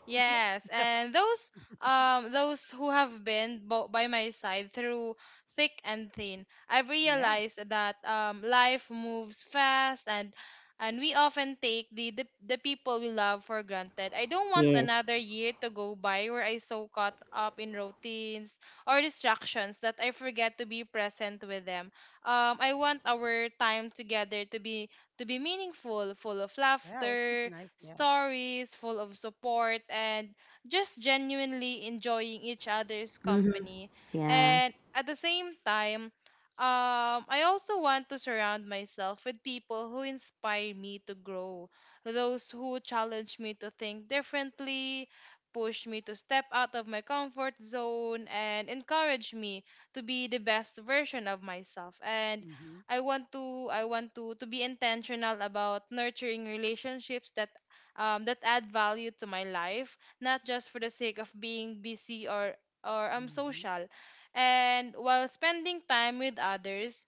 Speaker 3: Yes, and those who have been by my side through thick and thin. I've
Speaker 1: Yeah,
Speaker 3: realized that life moves fast, and we often take the people we love for granted. I don't want
Speaker 2: Yes.
Speaker 3: another year to go by where I so caught up in routines or distractions that I forget to be present with them. I want our time together to be meaningful, full of
Speaker 1: yeah, which is
Speaker 3: laughter,
Speaker 1: nice. Yes.
Speaker 3: stories, full of support, and just genuinely enjoying each other's
Speaker 2: Mm-hmm.
Speaker 3: company.
Speaker 2: Yeah.
Speaker 3: And at the same time, I also want to surround myself with people who inspire me to grow, those who challenge me to think differently, push me to step out of my comfort zone, and encourage me to be the best version of myself. And
Speaker 1: Mm-hmm.
Speaker 3: I want to to be intentional about nurturing relationships that that add value to my life, not just for the sake of being busy or I'm
Speaker 1: Mm-hmm.
Speaker 3: social. And while spending time with others,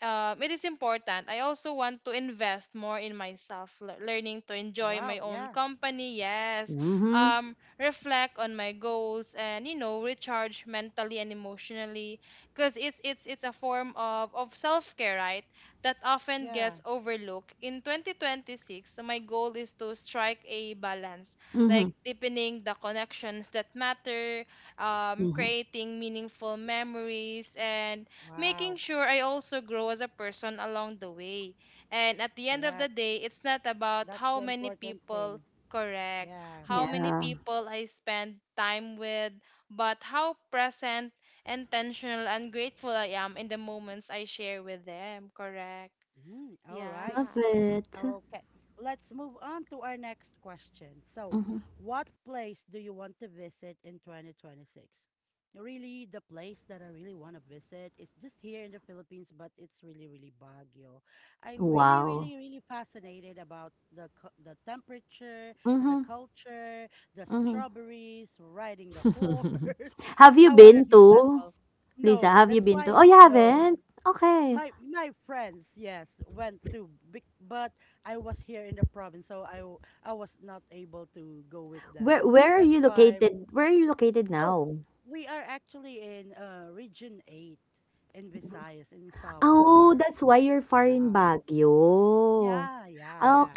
Speaker 3: it is important. I also want to invest more in myself, learning to enjoy
Speaker 1: Wow,
Speaker 3: my own
Speaker 1: yeah,
Speaker 3: company. Yes,
Speaker 2: Mm-hmm.
Speaker 3: reflect on my goals and you know recharge mentally and emotionally, because it's a form of self care, right? That often
Speaker 1: yeah.
Speaker 3: gets overlooked. In 2026, my goal is to strike a balance, like
Speaker 2: Mhm,
Speaker 3: deepening the connections that matter,
Speaker 2: mhm.
Speaker 3: creating meaningful memories and making
Speaker 1: Wow,
Speaker 3: sure I also grow as a person along the way. And at the end of the
Speaker 1: correct.
Speaker 3: day, it's not about
Speaker 1: That's
Speaker 3: how
Speaker 1: the
Speaker 3: many
Speaker 1: important
Speaker 3: people
Speaker 1: thing.
Speaker 3: correct,
Speaker 1: Yeah.
Speaker 3: how many
Speaker 2: Yeah,
Speaker 3: people I spend time with, but how present, intentional, and grateful I am in the moments I share with them. Correct.
Speaker 1: Mm-hmm. All right.
Speaker 2: love
Speaker 3: Yeah.
Speaker 2: it.
Speaker 1: Okay, let's move on to our next question. So,
Speaker 2: Mhm.
Speaker 1: what place do you want to visit in 2026? Really, the place that I really want to visit is just here in the Philippines, but it's really, really Baguio. I'm really,
Speaker 2: Wow.
Speaker 1: really, really fascinated about the temperature, the
Speaker 2: Mhm,
Speaker 1: culture, the
Speaker 2: mhm.
Speaker 1: strawberries, riding the horse.
Speaker 2: Have you
Speaker 1: I want to
Speaker 2: been
Speaker 1: do that
Speaker 2: to,
Speaker 1: all.
Speaker 2: Lisa?
Speaker 1: No,
Speaker 2: Have you
Speaker 1: that's
Speaker 2: been to?
Speaker 1: why.
Speaker 2: Oh, you
Speaker 1: No,
Speaker 2: haven't? Okay.
Speaker 1: my friends, yes, went to big, but I was here in the province, so I was not able to go with them,
Speaker 2: Where are
Speaker 1: that's
Speaker 2: you
Speaker 1: why.
Speaker 2: located? Where are you located
Speaker 1: Oh,
Speaker 2: now?
Speaker 1: we are actually in, region 8, in visayas, in
Speaker 2: Oh,
Speaker 1: samar.
Speaker 2: that's why you're far in
Speaker 1: Yeah.
Speaker 2: Baguio.
Speaker 1: Yeah, yeah, yeah,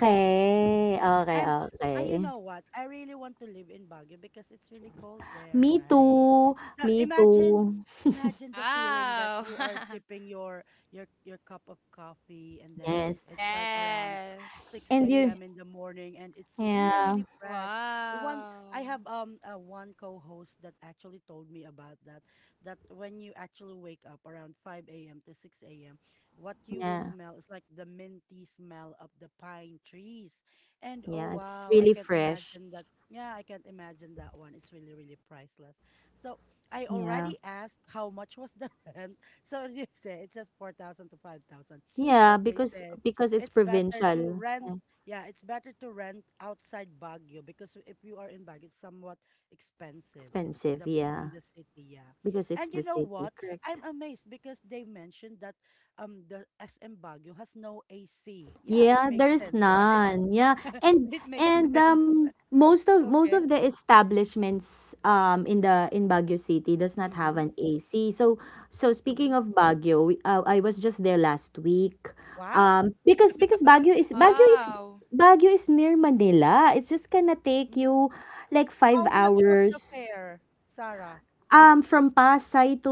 Speaker 2: okay,
Speaker 1: And you
Speaker 2: okay.
Speaker 1: know what? I really want to live in Baguio because it's really cold there,
Speaker 2: Me
Speaker 1: right?
Speaker 2: too.
Speaker 1: The,
Speaker 2: Me
Speaker 1: imagine
Speaker 2: too.
Speaker 1: imagine the feeling that
Speaker 3: Wow.
Speaker 1: you are sipping your your cup of coffee, and then
Speaker 2: Yes.
Speaker 1: it's like around
Speaker 3: yes.
Speaker 2: And
Speaker 1: 6
Speaker 3: Yeah.
Speaker 2: you,
Speaker 1: a.m. in the morning, and it's really
Speaker 2: yeah,
Speaker 1: really fresh. One I
Speaker 3: Wow.
Speaker 1: have, one co-host that actually told me about that when you actually wake up around 5 a.m. to 6 a.m., what you will
Speaker 2: yeah,
Speaker 1: smell is like the minty smell of the pine trees. And oh
Speaker 2: yeah. It's
Speaker 1: wow, I
Speaker 2: really
Speaker 1: can't
Speaker 2: fresh.
Speaker 1: imagine that. Yeah, I can't imagine that one. It's really, really priceless. So I
Speaker 2: Yeah.
Speaker 1: already asked how much was the rent. So they say it's just 4,000 to 5,000.
Speaker 2: Yeah,
Speaker 1: But they say
Speaker 2: because it's
Speaker 1: it's better to
Speaker 2: provincial,
Speaker 1: rent.
Speaker 2: eh,
Speaker 1: Yeah, it's better to rent outside Baguio, because if you are in Baguio, it's somewhat expensive. It's
Speaker 2: expensive.
Speaker 1: the In
Speaker 2: Yeah,
Speaker 1: the city, yeah.
Speaker 2: because it's
Speaker 1: And you
Speaker 2: the
Speaker 1: know
Speaker 2: city,
Speaker 1: what?
Speaker 2: correct?
Speaker 1: I'm amazed because they mentioned that, the SM Baguio has no AC. Yeah, it
Speaker 2: Yeah,
Speaker 1: makes
Speaker 2: there's
Speaker 1: sense, right?
Speaker 2: none. Yeah, and
Speaker 1: It makes
Speaker 2: and
Speaker 1: sense.
Speaker 2: most
Speaker 1: Okay.
Speaker 2: of the establishments in the in Baguio City does not have
Speaker 1: Mm-hmm.
Speaker 2: an AC. So so speaking
Speaker 1: Mm-hmm.
Speaker 2: of Baguio, I was just there last week.
Speaker 1: Wow.
Speaker 2: Because Baguio is Baguio is
Speaker 3: Wow.
Speaker 2: Baguio is near Manila. It's just gonna take
Speaker 1: Mm.
Speaker 2: you like five
Speaker 1: How much was the
Speaker 2: hours.
Speaker 1: fare, Sarah?
Speaker 2: From Pasay to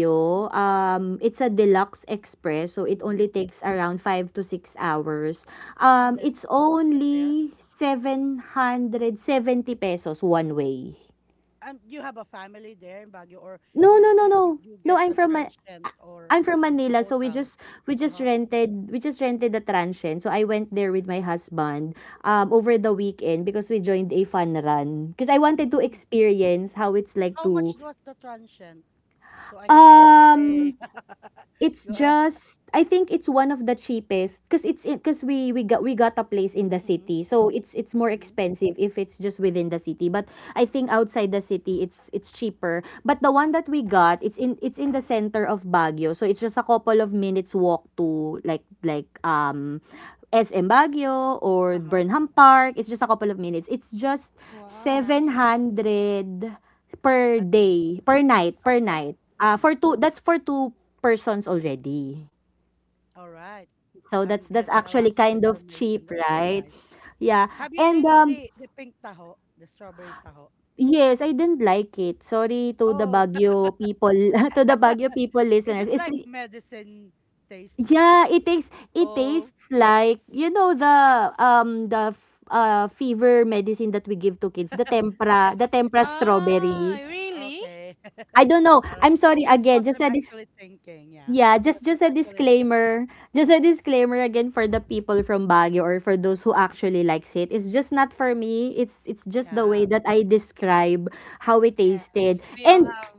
Speaker 1: Mm-hmm.
Speaker 2: it's a deluxe express, so it
Speaker 1: Mm-hmm.
Speaker 2: only takes around 5 to 6 hours.
Speaker 1: And then
Speaker 2: It's
Speaker 1: the fare.
Speaker 2: only 770 pesos one way.
Speaker 1: And you have a family there in Baguio, or
Speaker 2: No,
Speaker 1: you
Speaker 2: no, no,
Speaker 1: you,
Speaker 2: no.
Speaker 1: you
Speaker 2: No,
Speaker 1: get a transient
Speaker 2: a
Speaker 1: or
Speaker 2: I'm from
Speaker 1: a
Speaker 2: Manila, so we
Speaker 1: hotel?
Speaker 2: just we just
Speaker 1: Uh-huh.
Speaker 2: rented we just rented the transient. So I went there with my husband, over the weekend because we joined a fun run. Because I wanted to
Speaker 1: Mm.
Speaker 2: experience how it's like
Speaker 1: How much
Speaker 2: to,
Speaker 1: was the transient, so I can budget?
Speaker 2: um
Speaker 1: Hey.
Speaker 2: it's
Speaker 1: Go,
Speaker 2: just I think it's one of the cheapest because it's because we got a place in the
Speaker 1: Mm-hmm.
Speaker 2: city, so it's more
Speaker 1: Mm-hmm.
Speaker 2: expensive if it's just within the city. But I think outside the city, it's cheaper. But the one that we
Speaker 1: Okay.
Speaker 2: got, it's in the center of Baguio, so it's just a couple of minutes walk to like SM Baguio or
Speaker 1: Uh-huh.
Speaker 2: Burnham Park. It's just a couple of minutes. It's just
Speaker 3: Wow,
Speaker 2: seven
Speaker 3: nice.
Speaker 2: hundred per
Speaker 1: A day.
Speaker 2: day per
Speaker 1: Okay.
Speaker 2: night.
Speaker 1: Mm,
Speaker 2: For two that's for two persons already.
Speaker 1: all right.
Speaker 2: So
Speaker 1: I'm
Speaker 2: that's
Speaker 1: getting a lot
Speaker 2: actually
Speaker 1: of
Speaker 2: kind of
Speaker 1: information.
Speaker 2: cheap,
Speaker 1: That's really
Speaker 2: right?
Speaker 1: nice.
Speaker 2: Yeah.
Speaker 1: Have you
Speaker 2: And
Speaker 1: tasted the, pink taho, the strawberry taho?
Speaker 2: yes, I didn't like it. Sorry to the
Speaker 1: Oh.
Speaker 2: Baguio people, to the Baguio people
Speaker 1: Is
Speaker 2: listeners.
Speaker 1: it
Speaker 2: It's
Speaker 1: like medicine taste?
Speaker 2: yeah, it takes it
Speaker 1: Oh.
Speaker 2: tastes like you know the fever medicine that we give to kids,
Speaker 1: Yeah.
Speaker 2: the tempra
Speaker 3: Ah,
Speaker 2: strawberry.
Speaker 3: really?
Speaker 1: Okay.
Speaker 2: I don't know.
Speaker 1: All right.
Speaker 2: I'm sorry
Speaker 1: That's
Speaker 2: again.
Speaker 1: what
Speaker 2: Just
Speaker 1: I'm
Speaker 2: said this.
Speaker 1: actually thinking. Yeah.
Speaker 2: Yeah,
Speaker 1: That's what
Speaker 2: just a
Speaker 1: actually I'm thinking.
Speaker 2: disclaimer. Just a disclaimer again for the people from Baguio or for those who actually likes it. It's just not for me. It's just the
Speaker 1: Yeah.
Speaker 2: way that I describe how it
Speaker 3: Yes,
Speaker 2: tasted.
Speaker 3: we all have.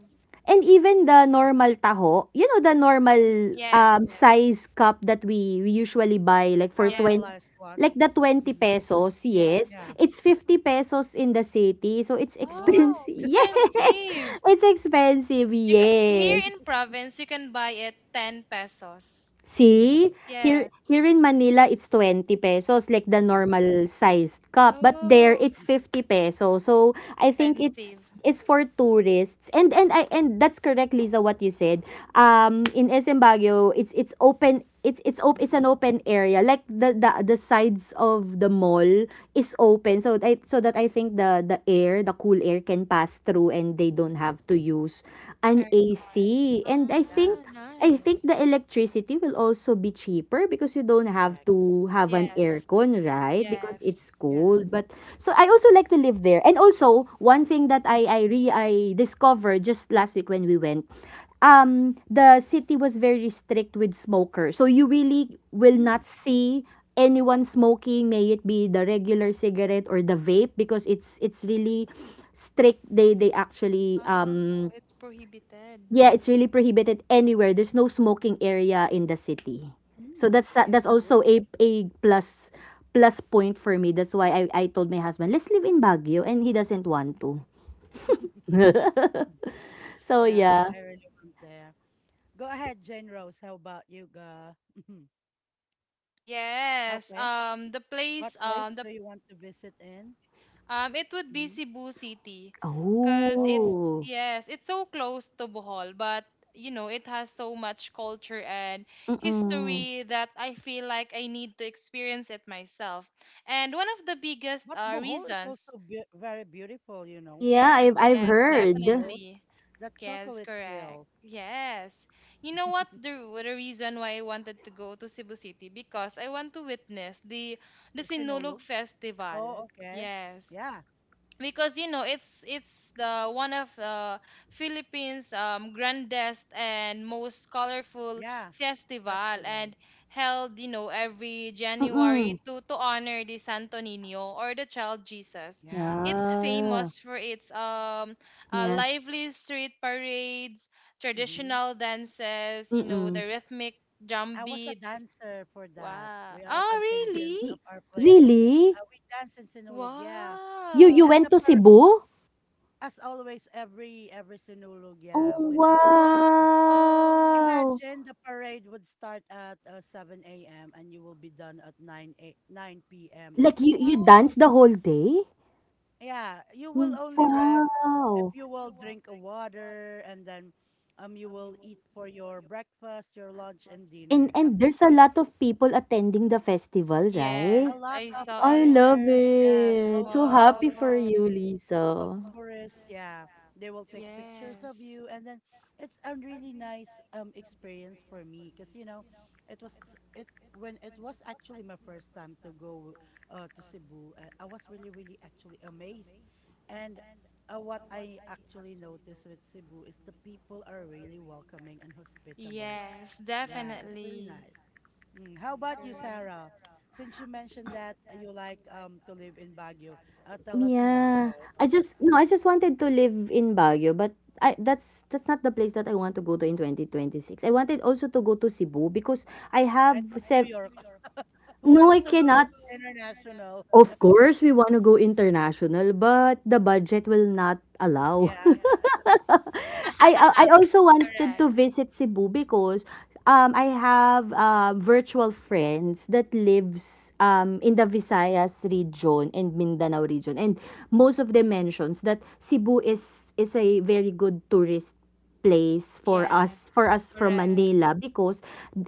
Speaker 2: And even the normal taho, you know the normal
Speaker 1: Mhm.
Speaker 3: Yes, yes,
Speaker 2: size cup that we usually buy
Speaker 1: The
Speaker 2: like for
Speaker 3: yes,
Speaker 2: 20,
Speaker 1: caramelized one.
Speaker 2: like the 20
Speaker 1: Mm-hmm.
Speaker 2: pesos,
Speaker 3: yes.
Speaker 2: yes.
Speaker 1: Yeah.
Speaker 2: It's 50 pesos in the city. So it's
Speaker 1: What?
Speaker 3: Oh,
Speaker 2: expensive. Yes.
Speaker 3: expensive.
Speaker 2: It's expensive.
Speaker 3: You ca here
Speaker 2: Yes.
Speaker 3: in province, you can buy it 10 pesos.
Speaker 1: Mm.
Speaker 2: See, here
Speaker 3: Yes.
Speaker 2: here in Manila, it's 20 pesos, like the
Speaker 1: Mm-hmm.
Speaker 2: normal sized cup. But there,
Speaker 3: Oh,
Speaker 2: it's 50
Speaker 1: Mm-hmm.
Speaker 2: pesos. So, I think
Speaker 3: expensive.
Speaker 2: it's for tourists. And I and that's correct, Lisa, what you said. In SM Baguio, it's open. It's an
Speaker 1: Mm-hmm.
Speaker 2: open area. Like the sides of the mall is open, so I so that I think the air, the cool air can pass through, and they don't
Speaker 1: Mm-hmm.
Speaker 2: have to use an
Speaker 3: Aircon.
Speaker 2: AC. And
Speaker 1: Yeah.
Speaker 3: Oh,
Speaker 2: I think the
Speaker 3: nice.
Speaker 2: electricity will also be cheaper because you don't have
Speaker 1: Correct.
Speaker 2: to have an
Speaker 3: Yes,
Speaker 2: aircon, right? Because
Speaker 3: yes.
Speaker 2: it's
Speaker 1: Yes.
Speaker 2: cold. But so I also like to live there. And also, one thing that I re I discovered just last week when we went, the city was very strict with smokers. So you really will not
Speaker 1: Mm.
Speaker 2: see anyone smoking, may it be the regular cigarette or the vape, because it's really strict. They actually
Speaker 3: Oh, it's prohibited.
Speaker 2: yeah, it's really prohibited anywhere. There's no smoking area in the city. So
Speaker 1: Mm, that's
Speaker 2: that's
Speaker 3: Nice.
Speaker 1: cool.
Speaker 2: also a plus plus point for me. That's why I told my husband, "Let's live in Baguio," and he doesn't want
Speaker 1: Mhm.
Speaker 2: to. So
Speaker 1: Yeah,
Speaker 2: yeah.
Speaker 1: I really want there. Go ahead, Jane Rose. How about you, Ga? Mhm.
Speaker 3: Yes.
Speaker 1: Okay.
Speaker 3: The
Speaker 1: What
Speaker 3: place,
Speaker 1: place
Speaker 3: the
Speaker 1: do you want to visit in?
Speaker 3: It would be
Speaker 1: Hmm.
Speaker 3: Cebu City, cause it's,
Speaker 1: Wow.
Speaker 2: Oh.
Speaker 3: yes, it's so close to Bohol, but you know it has so much culture and
Speaker 2: Mm-mm.
Speaker 3: history that I feel like I need to experience it myself. And one of the biggest
Speaker 1: But Bohol is
Speaker 3: reasons,
Speaker 1: also be very beautiful, you know.
Speaker 2: Yeah,
Speaker 3: yes,
Speaker 1: The
Speaker 2: I've
Speaker 3: yes,
Speaker 1: chocolate
Speaker 2: heard.
Speaker 1: hills.
Speaker 3: definitely,
Speaker 1: The
Speaker 3: yes,
Speaker 1: chocolate
Speaker 3: correct.
Speaker 1: hills.
Speaker 3: Yes. You know what, the reason why I wanted to go to Cebu City, because I want to witness the
Speaker 1: The
Speaker 3: Sinulog
Speaker 1: Sinulog.
Speaker 3: Festival.
Speaker 1: Oh, okay.
Speaker 3: Yes,
Speaker 1: Yeah.
Speaker 3: because you know it's the one of Philippines grandest and most colorful
Speaker 1: Yeah.
Speaker 3: festival,
Speaker 1: Festival.
Speaker 3: and held you know every January
Speaker 2: Mm-mm.
Speaker 3: to honor the Santo Niño or the child Jesus.
Speaker 1: Yeah.
Speaker 3: It's
Speaker 2: Yeah.
Speaker 3: famous for its
Speaker 2: Yeah.
Speaker 3: lively street parades,
Speaker 1: Mm-hmm.
Speaker 3: traditional dances, you know
Speaker 2: Mm-mm.
Speaker 3: the rhythmic drum
Speaker 1: I was a
Speaker 3: beats.
Speaker 1: dancer for that.
Speaker 3: Wow!
Speaker 1: We are a
Speaker 3: Oh
Speaker 1: contingent
Speaker 3: really?
Speaker 1: of
Speaker 2: Y-
Speaker 1: our place.
Speaker 2: really?
Speaker 1: We dance in Sinulog, yeah.
Speaker 2: You
Speaker 3: Wow!
Speaker 1: And the
Speaker 2: went to
Speaker 1: par
Speaker 2: Cebu?
Speaker 1: As always, every Sinulog.
Speaker 2: Oh,
Speaker 1: Yeah. When I was in college,
Speaker 3: Wow!
Speaker 2: wow.
Speaker 1: imagine the parade would start at, 7 a.m. and you will be done at 9 p.m. in
Speaker 2: Like
Speaker 1: the
Speaker 2: you
Speaker 1: evening.
Speaker 3: Oh
Speaker 2: danced the whole day?
Speaker 1: Yeah, you will only rest if
Speaker 2: Wow!
Speaker 1: you will drink a water, and then you will eat for your breakfast, your lunch, and dinner at
Speaker 2: And
Speaker 1: the
Speaker 2: there's a
Speaker 1: street.
Speaker 2: lot of people attending the festival,
Speaker 3: yes,
Speaker 1: A
Speaker 2: right?
Speaker 1: lot
Speaker 3: I
Speaker 2: Yes,
Speaker 1: of
Speaker 3: saw
Speaker 2: I
Speaker 3: it.
Speaker 2: yes. Love
Speaker 1: foreigners, yes,
Speaker 2: it. So happy
Speaker 1: locals,
Speaker 2: for you,
Speaker 3: Wow.
Speaker 1: local
Speaker 2: Lisa.
Speaker 1: tourists, yeah. They will take pictures of
Speaker 3: Yes.
Speaker 1: you, and then it's a really nice experience for me because, you know, it was s- it when it was actually my first time to go, to Cebu. I was really really actually amazed, and, what I actually noticed with Cebu is, the people are really welcoming and hospitable,
Speaker 3: Yes,
Speaker 1: yeah, that's really
Speaker 3: definitely.
Speaker 1: nice. Mm. How about you,
Speaker 3: Correct.
Speaker 1: Sarah? Since you mentioned that, you like, to live in Baguio, tell us more.
Speaker 2: Yeah.
Speaker 1: Go.
Speaker 2: I just no, I just wanted to live in Baguio, but I that's not the place that I want to go to in 2026. I wanted also to go to Cebu because I
Speaker 1: I
Speaker 2: have
Speaker 1: thought New
Speaker 2: sev-
Speaker 1: York. Who
Speaker 2: no,
Speaker 1: wants
Speaker 2: I
Speaker 1: to go
Speaker 2: cannot.
Speaker 1: international?
Speaker 2: Of course, we want to go international, but the budget will not allow.
Speaker 1: Yeah.
Speaker 2: I also wanted
Speaker 3: Correct.
Speaker 2: to visit Cebu because I have virtual friends that lives in the Visayas region and Mindanao region, and most of them mentions that Cebu is a very good tourist place for
Speaker 3: Yes.
Speaker 2: us from
Speaker 3: Correct.
Speaker 2: Manila because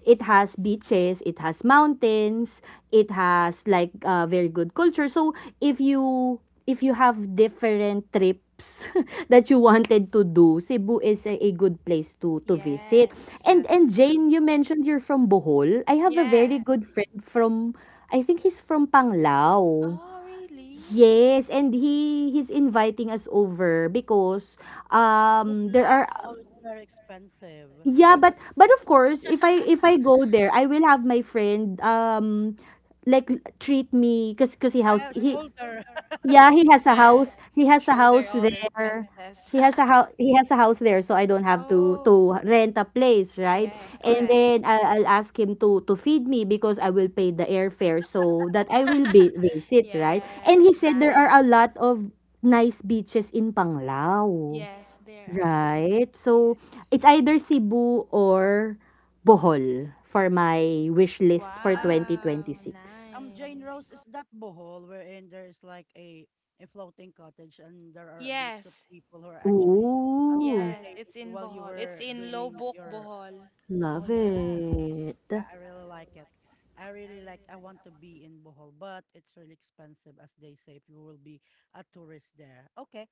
Speaker 2: it has beaches, it has mountains, it has like very good culture. So if you if you have different trips that you wanted to do, Cebu is a good place to visit.
Speaker 3: Yes.
Speaker 1: Yes,
Speaker 2: And
Speaker 1: true.
Speaker 2: Jane, you mentioned you're from Bohol. I have a
Speaker 3: Yes.
Speaker 2: very good friend from I think he's from Panglao.
Speaker 3: Oh, really?
Speaker 2: Yes, and he he's inviting us over because
Speaker 1: Good
Speaker 2: there
Speaker 1: luck.
Speaker 2: are
Speaker 1: All is very expensive.
Speaker 2: yeah, but of course, if I go there, I will have my friend like treat me because he
Speaker 1: I
Speaker 2: house
Speaker 1: have
Speaker 2: he
Speaker 1: shoulder.
Speaker 2: yeah he has a house
Speaker 3: Yes.
Speaker 2: he has a
Speaker 3: Shoulder
Speaker 2: house
Speaker 3: all the
Speaker 2: there
Speaker 3: expenses.
Speaker 2: he has a house he has a house there, so I don't have
Speaker 3: Oh,
Speaker 2: to rent a place, right?
Speaker 3: yes,
Speaker 2: And
Speaker 3: correct.
Speaker 2: then I'll ask him to feed me, because I will pay the airfare so that I will be visit, right? And
Speaker 3: Yes,
Speaker 2: he said there
Speaker 3: nine.
Speaker 2: are a lot of nice beaches in Panglao.
Speaker 3: Yes, there are.
Speaker 2: Right. So,
Speaker 3: Yes.
Speaker 2: it's either Cebu or Bohol for my wish list for
Speaker 1: I'm
Speaker 3: Wow,
Speaker 2: 2026.
Speaker 1: Jane Rose.
Speaker 3: nice.
Speaker 1: Is that Bohol wherein there is like a floating cottage, and there are groups of
Speaker 3: Yes,
Speaker 1: people who are actually,
Speaker 2: Ooh,
Speaker 3: yes,
Speaker 1: serenading
Speaker 3: it's
Speaker 1: you
Speaker 3: in
Speaker 1: while you
Speaker 3: Bohol. It's
Speaker 1: were
Speaker 3: in
Speaker 1: doing
Speaker 3: Lobok,
Speaker 1: your...
Speaker 3: Bohol,
Speaker 1: Oh
Speaker 2: love
Speaker 1: yeah.
Speaker 2: it.
Speaker 1: Yeah, I really like it. I really like, I want to be in Bohol, but it's really expensive, as they say, if you will be a tourist there. Okay.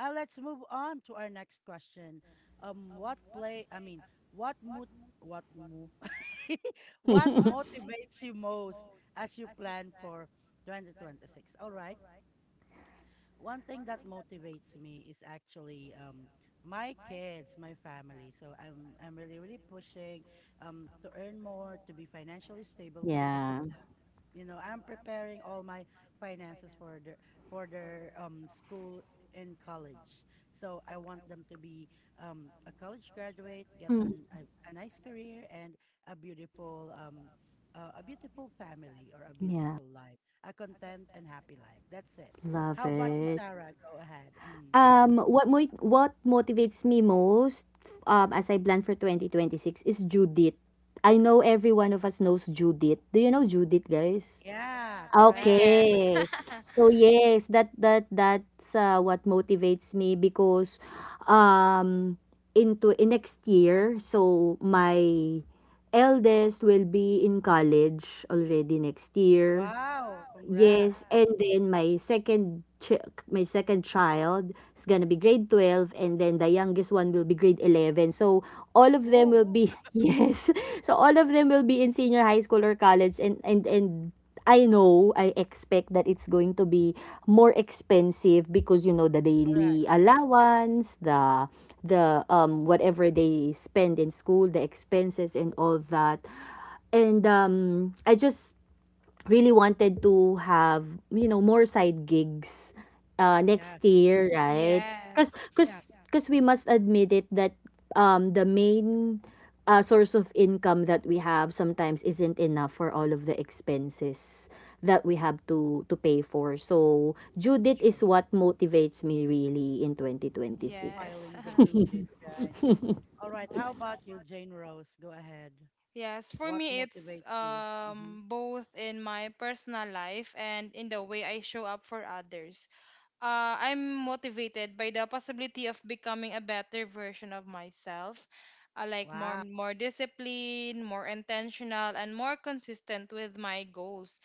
Speaker 1: Let's move on to our next question. What play I mean, what mood what move what motivates you most as you plan for 2026? All right, one thing that motivates me is actually, my kids, my family. So I'm really really pushing, to earn more, to be financially stable because of
Speaker 2: Yeah.
Speaker 1: them. You know, I'm preparing all my finances for their, school and college. So I want them to be, a college graduate, get
Speaker 2: Mm,
Speaker 1: a nice career, and a beautiful um a beautiful family, or a
Speaker 2: yeah,
Speaker 1: beautiful life, a content and happy life. That's it.
Speaker 2: love
Speaker 1: How about you,
Speaker 2: it.
Speaker 1: Sarah? Go ahead. Mm.
Speaker 2: What mo what motivates me most, as I plan for 2026 is Judith. I know every one of us knows Judith. Do you know Judith, guys?
Speaker 1: Yeah,
Speaker 3: I
Speaker 1: correct.
Speaker 3: guess.
Speaker 2: Okay. So yes, that that's what motivates me because um into in next year, so my eldest will be in college already next year.
Speaker 1: Wow, congrats.
Speaker 2: Yes, and then my second child is gonna be grade 12 and then the youngest one will be grade 11. So all of them
Speaker 1: Whoa,
Speaker 2: will be yes. So all of them will be in senior high school or college and I know I expect that it's going to be more expensive because you know the
Speaker 1: correct.
Speaker 2: daily allowance, the whatever they spend in school, the expenses and all that, and I just really wanted to have, you know, more side gigs
Speaker 1: Yeah,
Speaker 2: next year, right? Because
Speaker 3: Yes,
Speaker 2: cause,
Speaker 1: yes,
Speaker 2: 'cause we must admit it that the main source of income that we have sometimes isn't enough for all of the expenses that we have to pay for. So
Speaker 1: that's
Speaker 2: Judith is
Speaker 1: true.
Speaker 2: what motivates me really in
Speaker 1: It's
Speaker 3: yes,
Speaker 2: 2026.
Speaker 1: piling the due date, right? All right, how about you, Jane Rose? Go ahead.
Speaker 3: yes. For
Speaker 1: What
Speaker 3: me, it's
Speaker 1: motivates you? Hmm.
Speaker 3: both in my personal life and in the way I show up for others. I'm motivated by the possibility of becoming a better version of myself. I like more
Speaker 1: Wow.
Speaker 3: more discipline, more intentional, and more consistent with my goals.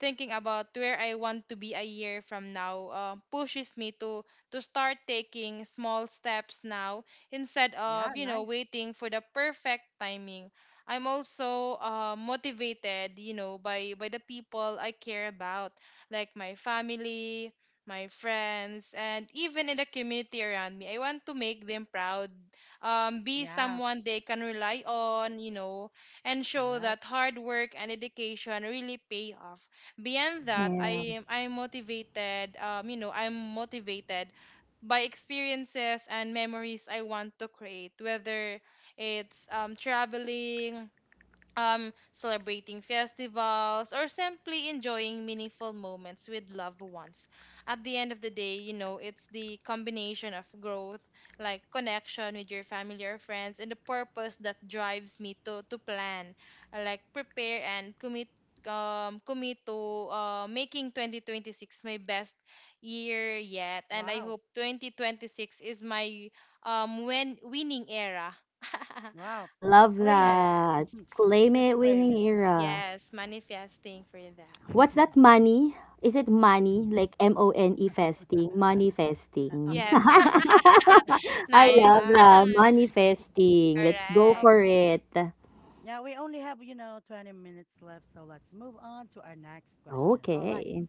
Speaker 3: Thinking about where I want to be a year from now pushes me to start taking small steps now instead
Speaker 1: Yeah,
Speaker 3: of you know
Speaker 1: nice.
Speaker 3: waiting for the perfect timing. I'm also motivated, you know, by the people I care about, like my family, my friends, and even in the community around me. I want to make them proud, be
Speaker 1: Yeah,
Speaker 3: someone they can rely on, you know, and show
Speaker 1: correct.
Speaker 3: that hard work and education really pay off. Beyond that,
Speaker 1: Hmm.
Speaker 2: Yeah.
Speaker 3: I'm motivated, you know, I'm motivated by experiences and memories I want to create, whether it's traveling, celebrating festivals, or simply enjoying meaningful moments with loved ones. At the end of the day, you know, it's the combination of growth, like connection with your family or friends, and the purpose that drives me to plan, like prepare and commit. Commit to making 2026 my best year yet, and I
Speaker 1: Wow.
Speaker 3: hope 2026 is my when winning era.
Speaker 1: Wow.
Speaker 2: Love
Speaker 1: Claim it.
Speaker 2: that.
Speaker 3: yes.
Speaker 2: Claim it
Speaker 1: Just
Speaker 2: winning
Speaker 1: claim it.
Speaker 2: era.
Speaker 3: Yes, manifesting for that.
Speaker 2: What's that money? Is it money? Like M-O-N-E fasting? Manifesting.
Speaker 3: Yes.
Speaker 2: I
Speaker 1: All
Speaker 3: Nice.
Speaker 2: love that,
Speaker 1: right.
Speaker 2: manifesting. Let's go
Speaker 3: Correct.
Speaker 2: for
Speaker 1: Okay.
Speaker 2: it.
Speaker 1: Yeah, we only have 20 minutes left, so let's move on to our next question. All right.
Speaker 2: Okay.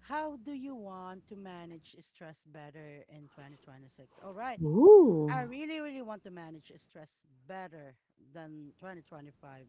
Speaker 1: How do you want to manage stress better in 2026? All right.
Speaker 2: Ooh.
Speaker 1: I really, really want to manage stress better than 2025.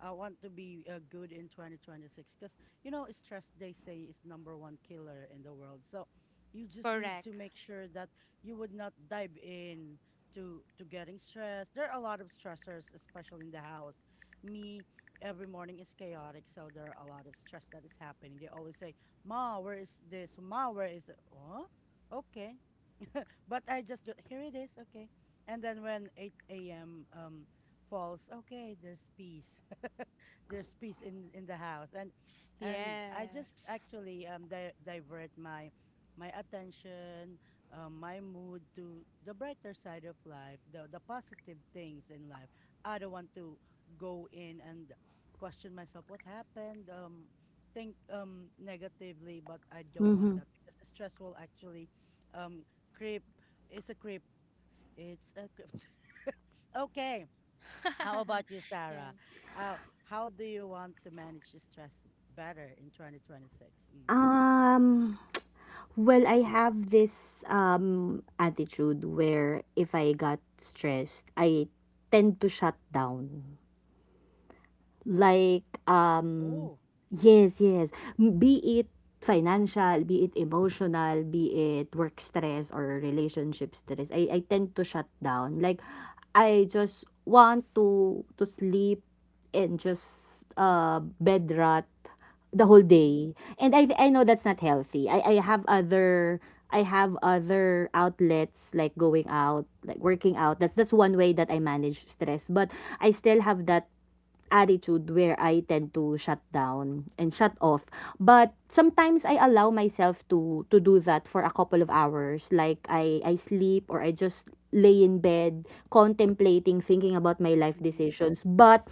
Speaker 1: I want to be, good in 2026 because, stress, they say, is number one killer in the world. So you just need to
Speaker 3: Correct.
Speaker 1: make sure that you would not dive in to getting stressed. There are a lot of stressors, especially in the house. Me, every morning is chaotic. So there are a lot of stress that is happening. They always say, "Ma, where is this? Ma, where is it?" Oh, okay. But I just do, here it is, okay. And then when 8 a.m. Falls, okay, there's peace. There's peace in the house. And and I just
Speaker 3: Yes.
Speaker 1: actually um di- divert my my attention, my mood to the brighter side of life, the positive things in life. I don't want to go in and question myself what happened, think negatively, but I don't want
Speaker 2: Mhm.
Speaker 1: that because stress will actually um creep creep. It's a creep. Okay. How about you,
Speaker 3: Yes.
Speaker 1: Sarah? Uh, how do you want to manage the stress better in 2026? Mm.
Speaker 2: Um, well, I have this attitude where if I got stressed, I tend to shut down. Like
Speaker 1: Oh,
Speaker 2: yes, yes. Be it financial, be it emotional, be it work stress or relationship stress, I tend to shut down, like I just want to sleep and just bed rot the whole
Speaker 1: mm-hmm,
Speaker 2: day. And I know that's not healthy. I have other, I have other outlets like going out, like working out. That's one way that I manage stress. But I still have that attitude where I tend to shut down and shut off. But sometimes I allow myself to do that for a couple of hours. Like I sleep or I just lay in bed contemplating, thinking about my life
Speaker 1: mm-hmm.
Speaker 2: decisions. But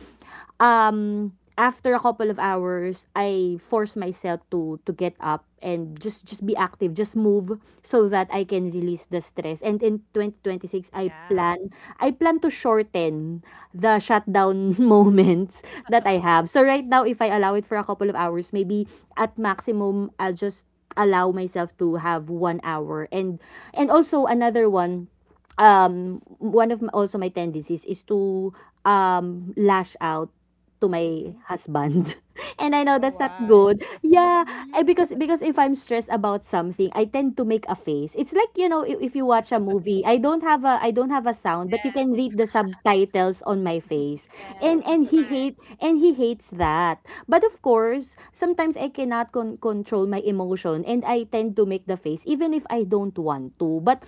Speaker 2: after a couple of hours, I force myself to get up and just be active, just move so that I can release the stress. And in 2026, i
Speaker 1: Yeah.
Speaker 2: plan i plan to shorten the shutdown moments that I have. So right now, if I allow it for a couple of hours, maybe at maximum, I'll just allow myself to have 1 hour. And also another one, one of my, also my tendencies is to lash out to my
Speaker 1: Mm-hmm.
Speaker 2: husband. And I know
Speaker 1: Oh,
Speaker 2: that's not
Speaker 1: why?
Speaker 2: good. Yeah,
Speaker 3: hmm
Speaker 2: I because if I'm stressed about something, I tend to make a face. It's like, you know, if you watch a movie, I don't have a, I don't have a sound, but you can
Speaker 3: Yes.
Speaker 2: read the subtitles on my face. And
Speaker 3: Yes. Correct.
Speaker 2: he hates that. But of course, sometimes I cannot control my emotion and I tend to make the face even if I don't want to. But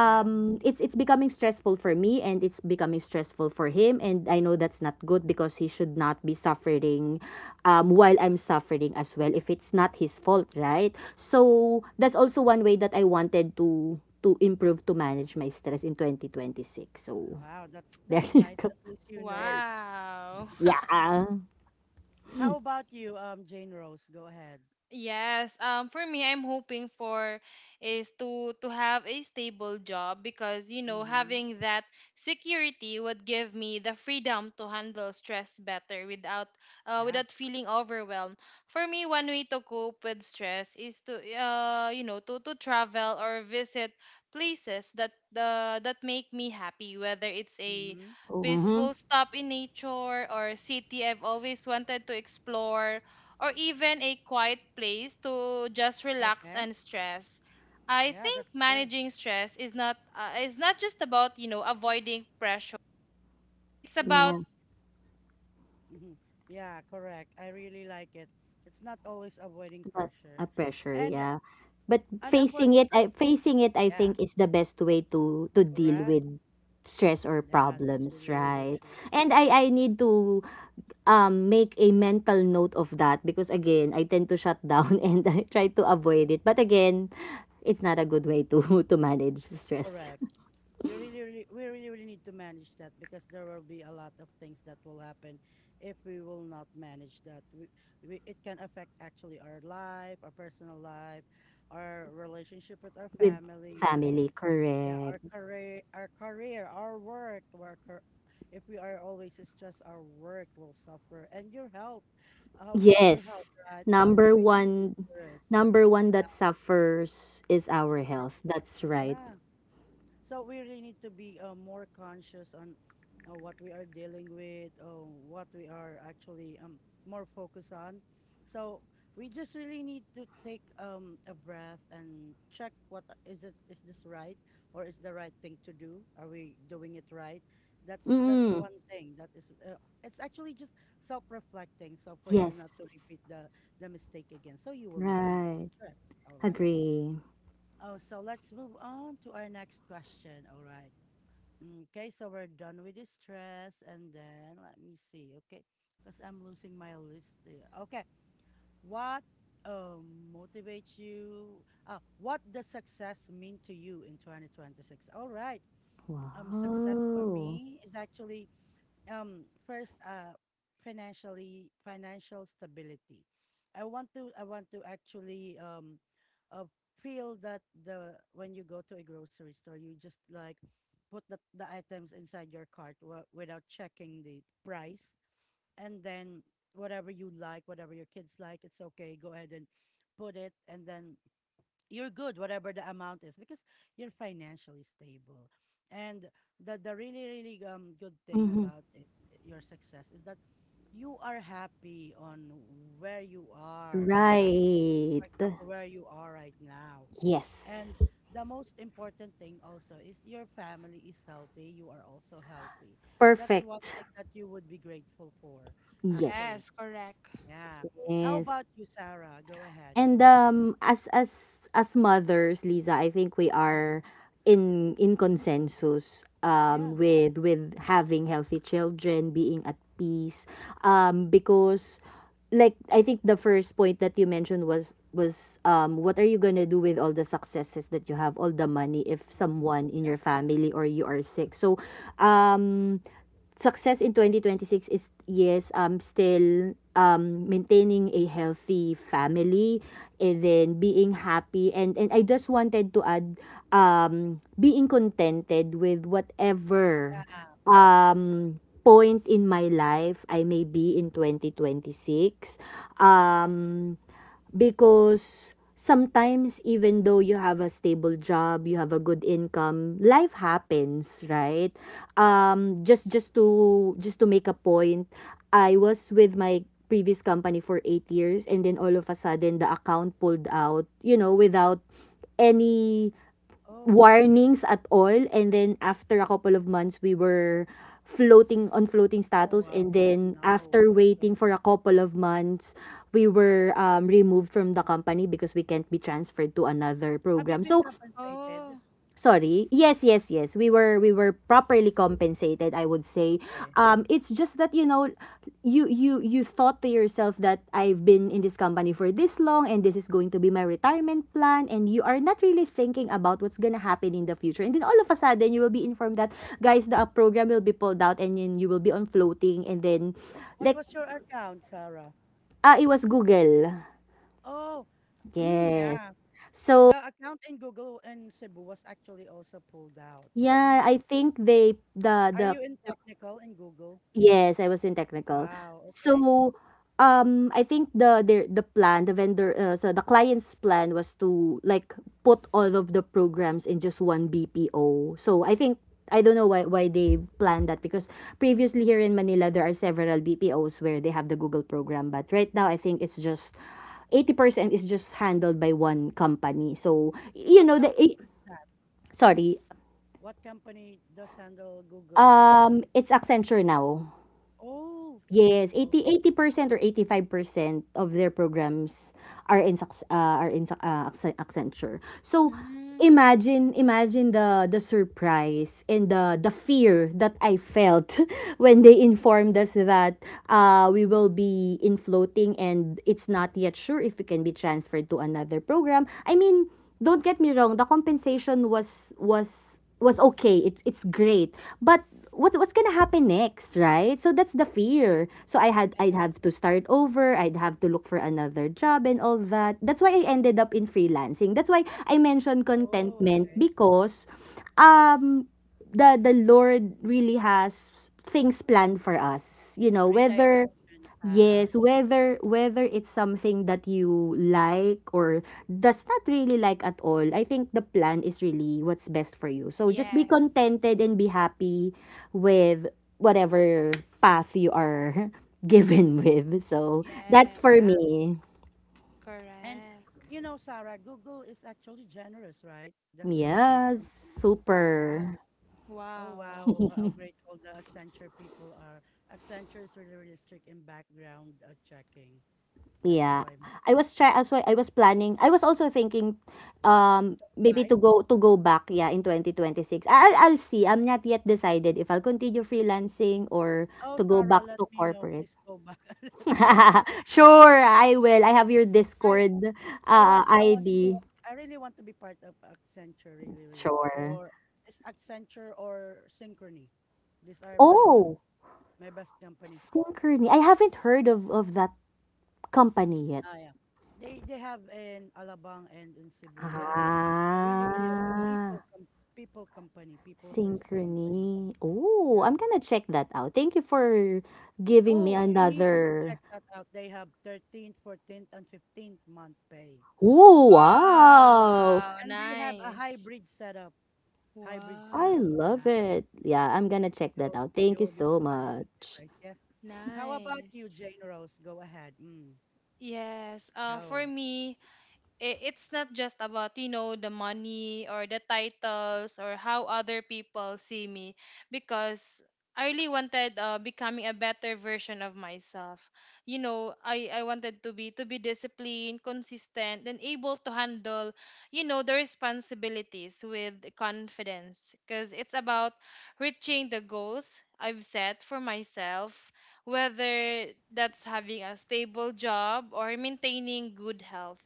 Speaker 1: Yeah.
Speaker 2: it's becoming stressful for me and it's becoming stressful for him, and I know that's not good because he should not be suffering while I'm suffering as well if it's not his fault, right? So that's also one way that I wanted to improve to manage my stress in 2026. So
Speaker 1: Wow, that's
Speaker 2: there you
Speaker 1: nice.
Speaker 2: go.
Speaker 1: At least you know.
Speaker 3: Wow.
Speaker 2: Yeah.
Speaker 1: How about you, Jane Rose? Go ahead.
Speaker 3: Yes, for me, I'm hoping for is to have a stable job, because you know
Speaker 1: Mm-hmm.
Speaker 3: having that security would give me the freedom to handle stress better without
Speaker 1: Yeah.
Speaker 3: without feeling overwhelmed. For me, one way to cope with stress is to you know to travel or visit places that that make me happy, whether it's a
Speaker 1: Mm-hmm.
Speaker 2: Mm-hmm.
Speaker 3: peaceful stop in nature or a city I've always wanted to explore or even a quiet place to just relax
Speaker 1: Okay.
Speaker 3: and stress. I
Speaker 1: Yeah,
Speaker 3: think
Speaker 1: that's true.
Speaker 3: managing stress is not just about, you know, avoiding pressure. It's
Speaker 1: Mm-hmm.
Speaker 3: about
Speaker 1: Mhm. Yeah, correct. I really like it. It's not always avoiding
Speaker 2: But
Speaker 1: pressure.
Speaker 2: a pressure,
Speaker 1: And
Speaker 2: yeah. But
Speaker 1: and avoid, oh,
Speaker 2: facing it, I
Speaker 1: yeah,
Speaker 2: think is the best way to deal
Speaker 1: correct.
Speaker 2: with stress or
Speaker 1: Yeah, that's
Speaker 2: problems,
Speaker 1: really, really
Speaker 2: right?
Speaker 1: true.
Speaker 2: And I need to make a mental note of that because again, I tend to shut down and I try to avoid it. But again, it's not a good way to to manage stress
Speaker 1: Correct. You really, really we really, really need to manage that because there will be a lot of things that will happen if we will not manage that. We it can affect actually our life, our personal life, our relationship with our
Speaker 2: with
Speaker 1: family.
Speaker 2: family,
Speaker 1: Yeah,
Speaker 2: correct?
Speaker 1: our career, our career, our work, our car- if we are always stressed, our work will suffer. And your health, how about your health,
Speaker 2: Yes.
Speaker 1: right? It's really,
Speaker 2: Number
Speaker 1: really
Speaker 2: one
Speaker 1: dangerous.
Speaker 2: Number one that suffers is
Speaker 1: It's
Speaker 2: our
Speaker 1: our,
Speaker 2: health. That's right.
Speaker 1: yeah. So we really need to be more conscious on what we are dealing with, what we are actually more focused on. So we just really need to take a breath and check what a- is it, is this right or is the right thing to do? Are we doing it right? That's
Speaker 2: Mm.
Speaker 1: one thing that is it's actually just self-reflecting. So for you not
Speaker 2: Yes.
Speaker 1: to repeat the mistake again, so you will not be
Speaker 2: Right.
Speaker 1: stressed. All right.
Speaker 2: Agree.
Speaker 1: Oh, so let's move on to our next question. All right. Okay, so we're done with the stress. And then let me see. Okay, because I'm losing my list there. Okay, what motivates you? What does success mean to you in 2026? All right. Success for
Speaker 2: Wow.
Speaker 1: me is actually first financial stability. I want to actually uh, feel that the when you go to a grocery store you just like put the items inside your cart w- without checking the price and then whatever you like, whatever your kids like, it's okay, go ahead and put it, and then you're good whatever the amount is because you're financially stable. And the really, really good thing
Speaker 2: Hmm.
Speaker 1: about it, your success, is that you are happy on where you are on that,
Speaker 2: Right.
Speaker 1: for example, where you are right now. And
Speaker 2: Yes.
Speaker 1: the most important thing also is your family is healthy, you are also healthy. That's one
Speaker 2: Perfect.
Speaker 1: thing that you would be grateful for
Speaker 2: Yes.
Speaker 1: actually.
Speaker 3: yes, correct.
Speaker 1: Yeah. How
Speaker 2: Yes.
Speaker 1: about you, Sarah? Go ahead.
Speaker 2: And
Speaker 1: Mm.
Speaker 2: as mothers, Lisa, I think we are
Speaker 1: Hmm.
Speaker 2: in consensus
Speaker 1: Yeah.
Speaker 2: with having healthy children, being at peace, because like I think the first point that you mentioned was what are you gonna do with all the successes that you have, all the money if
Speaker 1: Hmm.
Speaker 2: someone in
Speaker 1: Yeah.
Speaker 2: your family or you are sick. So, um, success in 2026 is yes still maintaining a healthy family and then being happy. And I just wanted to add being contented with whatever
Speaker 1: Yeah.
Speaker 2: point in my life I may be in 2026, um because sometimes even though you have a stable job, you have a good income, life happens, right? Just to make a point, I was with my previous company for 8 years, and then all of a sudden the account pulled out, you know, without any
Speaker 1: Oh.
Speaker 2: warnings at all. And then after a couple of months we were floating, on floating
Speaker 1: Oh,
Speaker 2: status,
Speaker 1: wow.
Speaker 2: and
Speaker 1: Oh,
Speaker 2: then
Speaker 1: no.
Speaker 2: after
Speaker 1: Okay.
Speaker 2: waiting for a couple of months we were removed from the company because we can't be transferred to another
Speaker 1: Have you
Speaker 2: program,
Speaker 1: been
Speaker 2: so.
Speaker 1: compensated?
Speaker 3: Oh.
Speaker 2: Sorry. Yes, yes, yes. We were properly compensated, I would say.
Speaker 1: Okay.
Speaker 2: It's just that, you know, you thought to yourself that I've been in this company for this long and this is going to be my retirement plan, and you are not really thinking about what's going to happen in the future. And then all of a sudden you will be informed that guys the program will be pulled out and then you will be on floating, and then
Speaker 1: What
Speaker 2: like,
Speaker 1: was your account, Sarah?
Speaker 2: ah, it was Google.
Speaker 1: Oh,
Speaker 2: Yes.
Speaker 1: yeah.
Speaker 2: So
Speaker 1: The account in Google in Cebu was actually also pulled out.
Speaker 2: yeah,
Speaker 1: Mm.
Speaker 2: I think they
Speaker 1: Are
Speaker 2: the
Speaker 1: you in technical in Google?
Speaker 2: yes, I was in technical.
Speaker 1: Wow. Okay.
Speaker 2: So, I think the plan, the vendor, so the client's plan was to like put all of the programs in just one BPO. So I think, I don't know why they planned that because previously here in Manila there are several BPOs where they have the Google program, but right now I think it's just 80% is just handled by one company. So, you
Speaker 1: What
Speaker 2: know, the eh,
Speaker 1: company is that?
Speaker 2: sorry,
Speaker 1: What company does handle Google now?
Speaker 2: it's Accenture now.
Speaker 1: Oh.
Speaker 2: Yes,
Speaker 1: Oh,
Speaker 2: 80 80% or 85% of their programs are in Accenture. So
Speaker 3: Mm,
Speaker 2: imagine the surprise and the fear that I felt when they informed us that we will be in floating and it's not yet sure if we can be transferred to another program. I mean, don't get me wrong, the compensation was was okay. It, it's great. But what what's gonna happen next, right? So that's the fear. So I'd have to start over. I'd have to look for another job and all that. That's why I ended up in freelancing. That's why I mentioned
Speaker 1: oh,
Speaker 2: contentment
Speaker 1: okay.
Speaker 2: because um the Lord really has things planned for us. You know, whether,
Speaker 1: Redirection, Sarah.
Speaker 2: yes, whether whether it's something that you like or does not really like at all, I think the plan is really what's best for you. So just be
Speaker 3: yes.
Speaker 2: contented and be happy with whatever path you are given with. So that's for
Speaker 1: Yeah.
Speaker 3: Yes.
Speaker 2: me.
Speaker 1: And
Speaker 3: Correct.
Speaker 1: you know, Sarah, Google is actually generous, right? This
Speaker 2: Yes,
Speaker 1: company. Yeah.
Speaker 2: super.
Speaker 1: Oh
Speaker 3: Wow.
Speaker 1: wow, how grateful the Accenture people are. Accenture is really, really strict in background checking. That's
Speaker 2: Yeah,
Speaker 1: why may
Speaker 2: I was try. Also. I was planning. I was also thinking, maybe
Speaker 1: apply.
Speaker 2: to go back. Yeah, in 2026.
Speaker 1: Mm.
Speaker 2: I'll see. I'm not yet decided if I'll continue freelancing or
Speaker 1: Oh,
Speaker 2: to go
Speaker 1: Sarah,
Speaker 2: back
Speaker 1: let
Speaker 2: to
Speaker 1: me know.
Speaker 2: corporate.
Speaker 1: Please go back and let me know.
Speaker 2: Sure, I will. I have your
Speaker 1: I
Speaker 2: Discord,
Speaker 1: I want I want to
Speaker 2: ID.
Speaker 1: I really want to be part of Accenture, really, really.
Speaker 2: Sure.
Speaker 1: Or is Accenture or Synchrony. These are my good,
Speaker 2: Oh,
Speaker 1: my best companies.
Speaker 2: Synchrony. I haven't heard of that company yet.
Speaker 1: Ah, yeah. They have in Alabang and in Cebu. They are a really, really a
Speaker 2: Ah.
Speaker 1: people com people first company.
Speaker 2: Synchrony. Oh,
Speaker 1: Yeah.
Speaker 2: I'm gonna check that out. Thank you for giving me
Speaker 1: Oh, you need to
Speaker 2: another.
Speaker 1: check that out. They have 13th, 14th, and 15th month pay.
Speaker 2: Oh, wow.
Speaker 3: Wow,
Speaker 1: And they have a
Speaker 3: nice.
Speaker 1: hybrid setup. Hybrid
Speaker 2: I
Speaker 1: setup.
Speaker 3: Wow,
Speaker 2: love
Speaker 1: Yeah.
Speaker 2: it. Yeah, I'm gonna check
Speaker 1: You
Speaker 2: that
Speaker 1: will
Speaker 2: out. Thank
Speaker 1: you
Speaker 2: you
Speaker 1: will be
Speaker 2: so
Speaker 1: provided with
Speaker 2: much.
Speaker 1: device. Yes. How about you,
Speaker 3: nice.
Speaker 1: Jane Rose? Go ahead.
Speaker 3: Yes, for
Speaker 1: Go.
Speaker 3: me, it's not just about you know the money or the titles or how other people see me, because I really wanted becoming a better version of myself. You know, I wanted to be disciplined, consistent, and able to handle, you know, the responsibilities with confidence. Because it's about reaching the goals I've set for myself, whether that's having a stable job or maintaining good health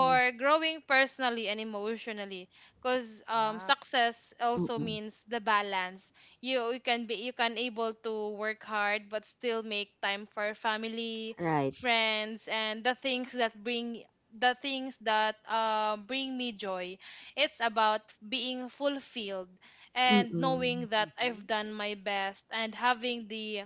Speaker 2: Yeah.
Speaker 3: growing personally and emotionally, because
Speaker 1: Wow.
Speaker 3: success also
Speaker 2: Mm-mm.
Speaker 3: means the balance. You can be you can able to work hard but still make time for family,
Speaker 2: Right.
Speaker 3: friends, and the things that bring the things that bring me joy. It's about being fulfilled and knowing
Speaker 2: Mm-mm.
Speaker 3: that
Speaker 1: Mm-hmm.
Speaker 3: I've done my best, and having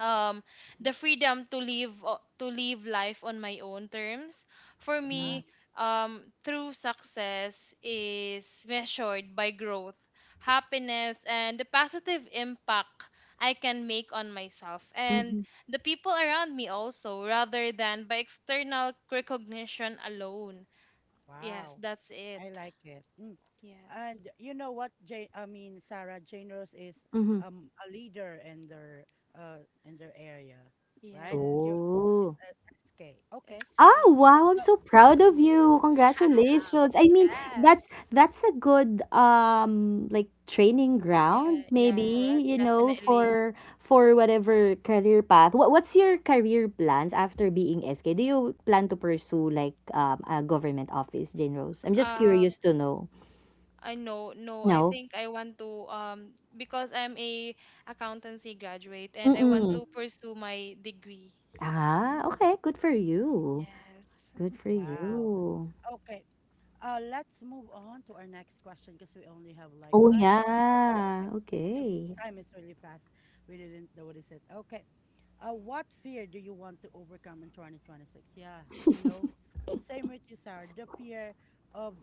Speaker 3: um
Speaker 1: Hmm.
Speaker 3: the freedom to live to live life on my own terms. For
Speaker 2: Yeah.
Speaker 1: Yeah.
Speaker 3: me, true success is measured by growth, happiness, and the positive impact I can make on myself and
Speaker 2: Mm-hmm.
Speaker 3: the people around me also, rather than by external recognition alone. Yes,
Speaker 1: Wow.
Speaker 3: that's it.
Speaker 1: I like it. Mm.
Speaker 3: Yes.
Speaker 1: And you know what, Jane, I mean, Sarah, Jane Rose is
Speaker 2: Mm-hmm.
Speaker 1: a leader uh in their area, right?
Speaker 3: Yes.
Speaker 1: You, she's
Speaker 2: Oh.
Speaker 1: a SK. Okay.
Speaker 3: SK.
Speaker 2: Oh, wow, I'm
Speaker 1: So,
Speaker 2: so proud of
Speaker 1: mhm,
Speaker 2: you.
Speaker 1: yeah,
Speaker 2: Congratulations. I mean,
Speaker 3: Yes.
Speaker 2: that's a good like training ground
Speaker 3: Yeah.
Speaker 2: maybe,
Speaker 1: correct.
Speaker 3: Yes,
Speaker 2: you know,
Speaker 3: definitely.
Speaker 2: for whatever career path. What what's your career plans after being SK? Do you plan to pursue like a government office, Jane Rose? I'm just
Speaker 3: Um,
Speaker 2: curious to know.
Speaker 3: I, no, no. I
Speaker 2: No.
Speaker 3: think I want to because I'm a accountancy graduate and I want
Speaker 2: Mm-mm.
Speaker 3: to pursue my degree.
Speaker 2: Ah,
Speaker 1: Mm-hmm.
Speaker 2: okay. Good for you.
Speaker 3: Yes.
Speaker 2: Good for
Speaker 1: Wow.
Speaker 2: you.
Speaker 1: Okay. Let's move on to our next question because we only have like
Speaker 2: Oh
Speaker 1: 5 minutes.
Speaker 2: yeah.
Speaker 1: Okay. Yep.
Speaker 2: Okay.
Speaker 1: Time is really fast. We didn't notice it. Okay. What fear do you want to overcome in 2026? Yeah, you know, same with you, Sarah. The fear of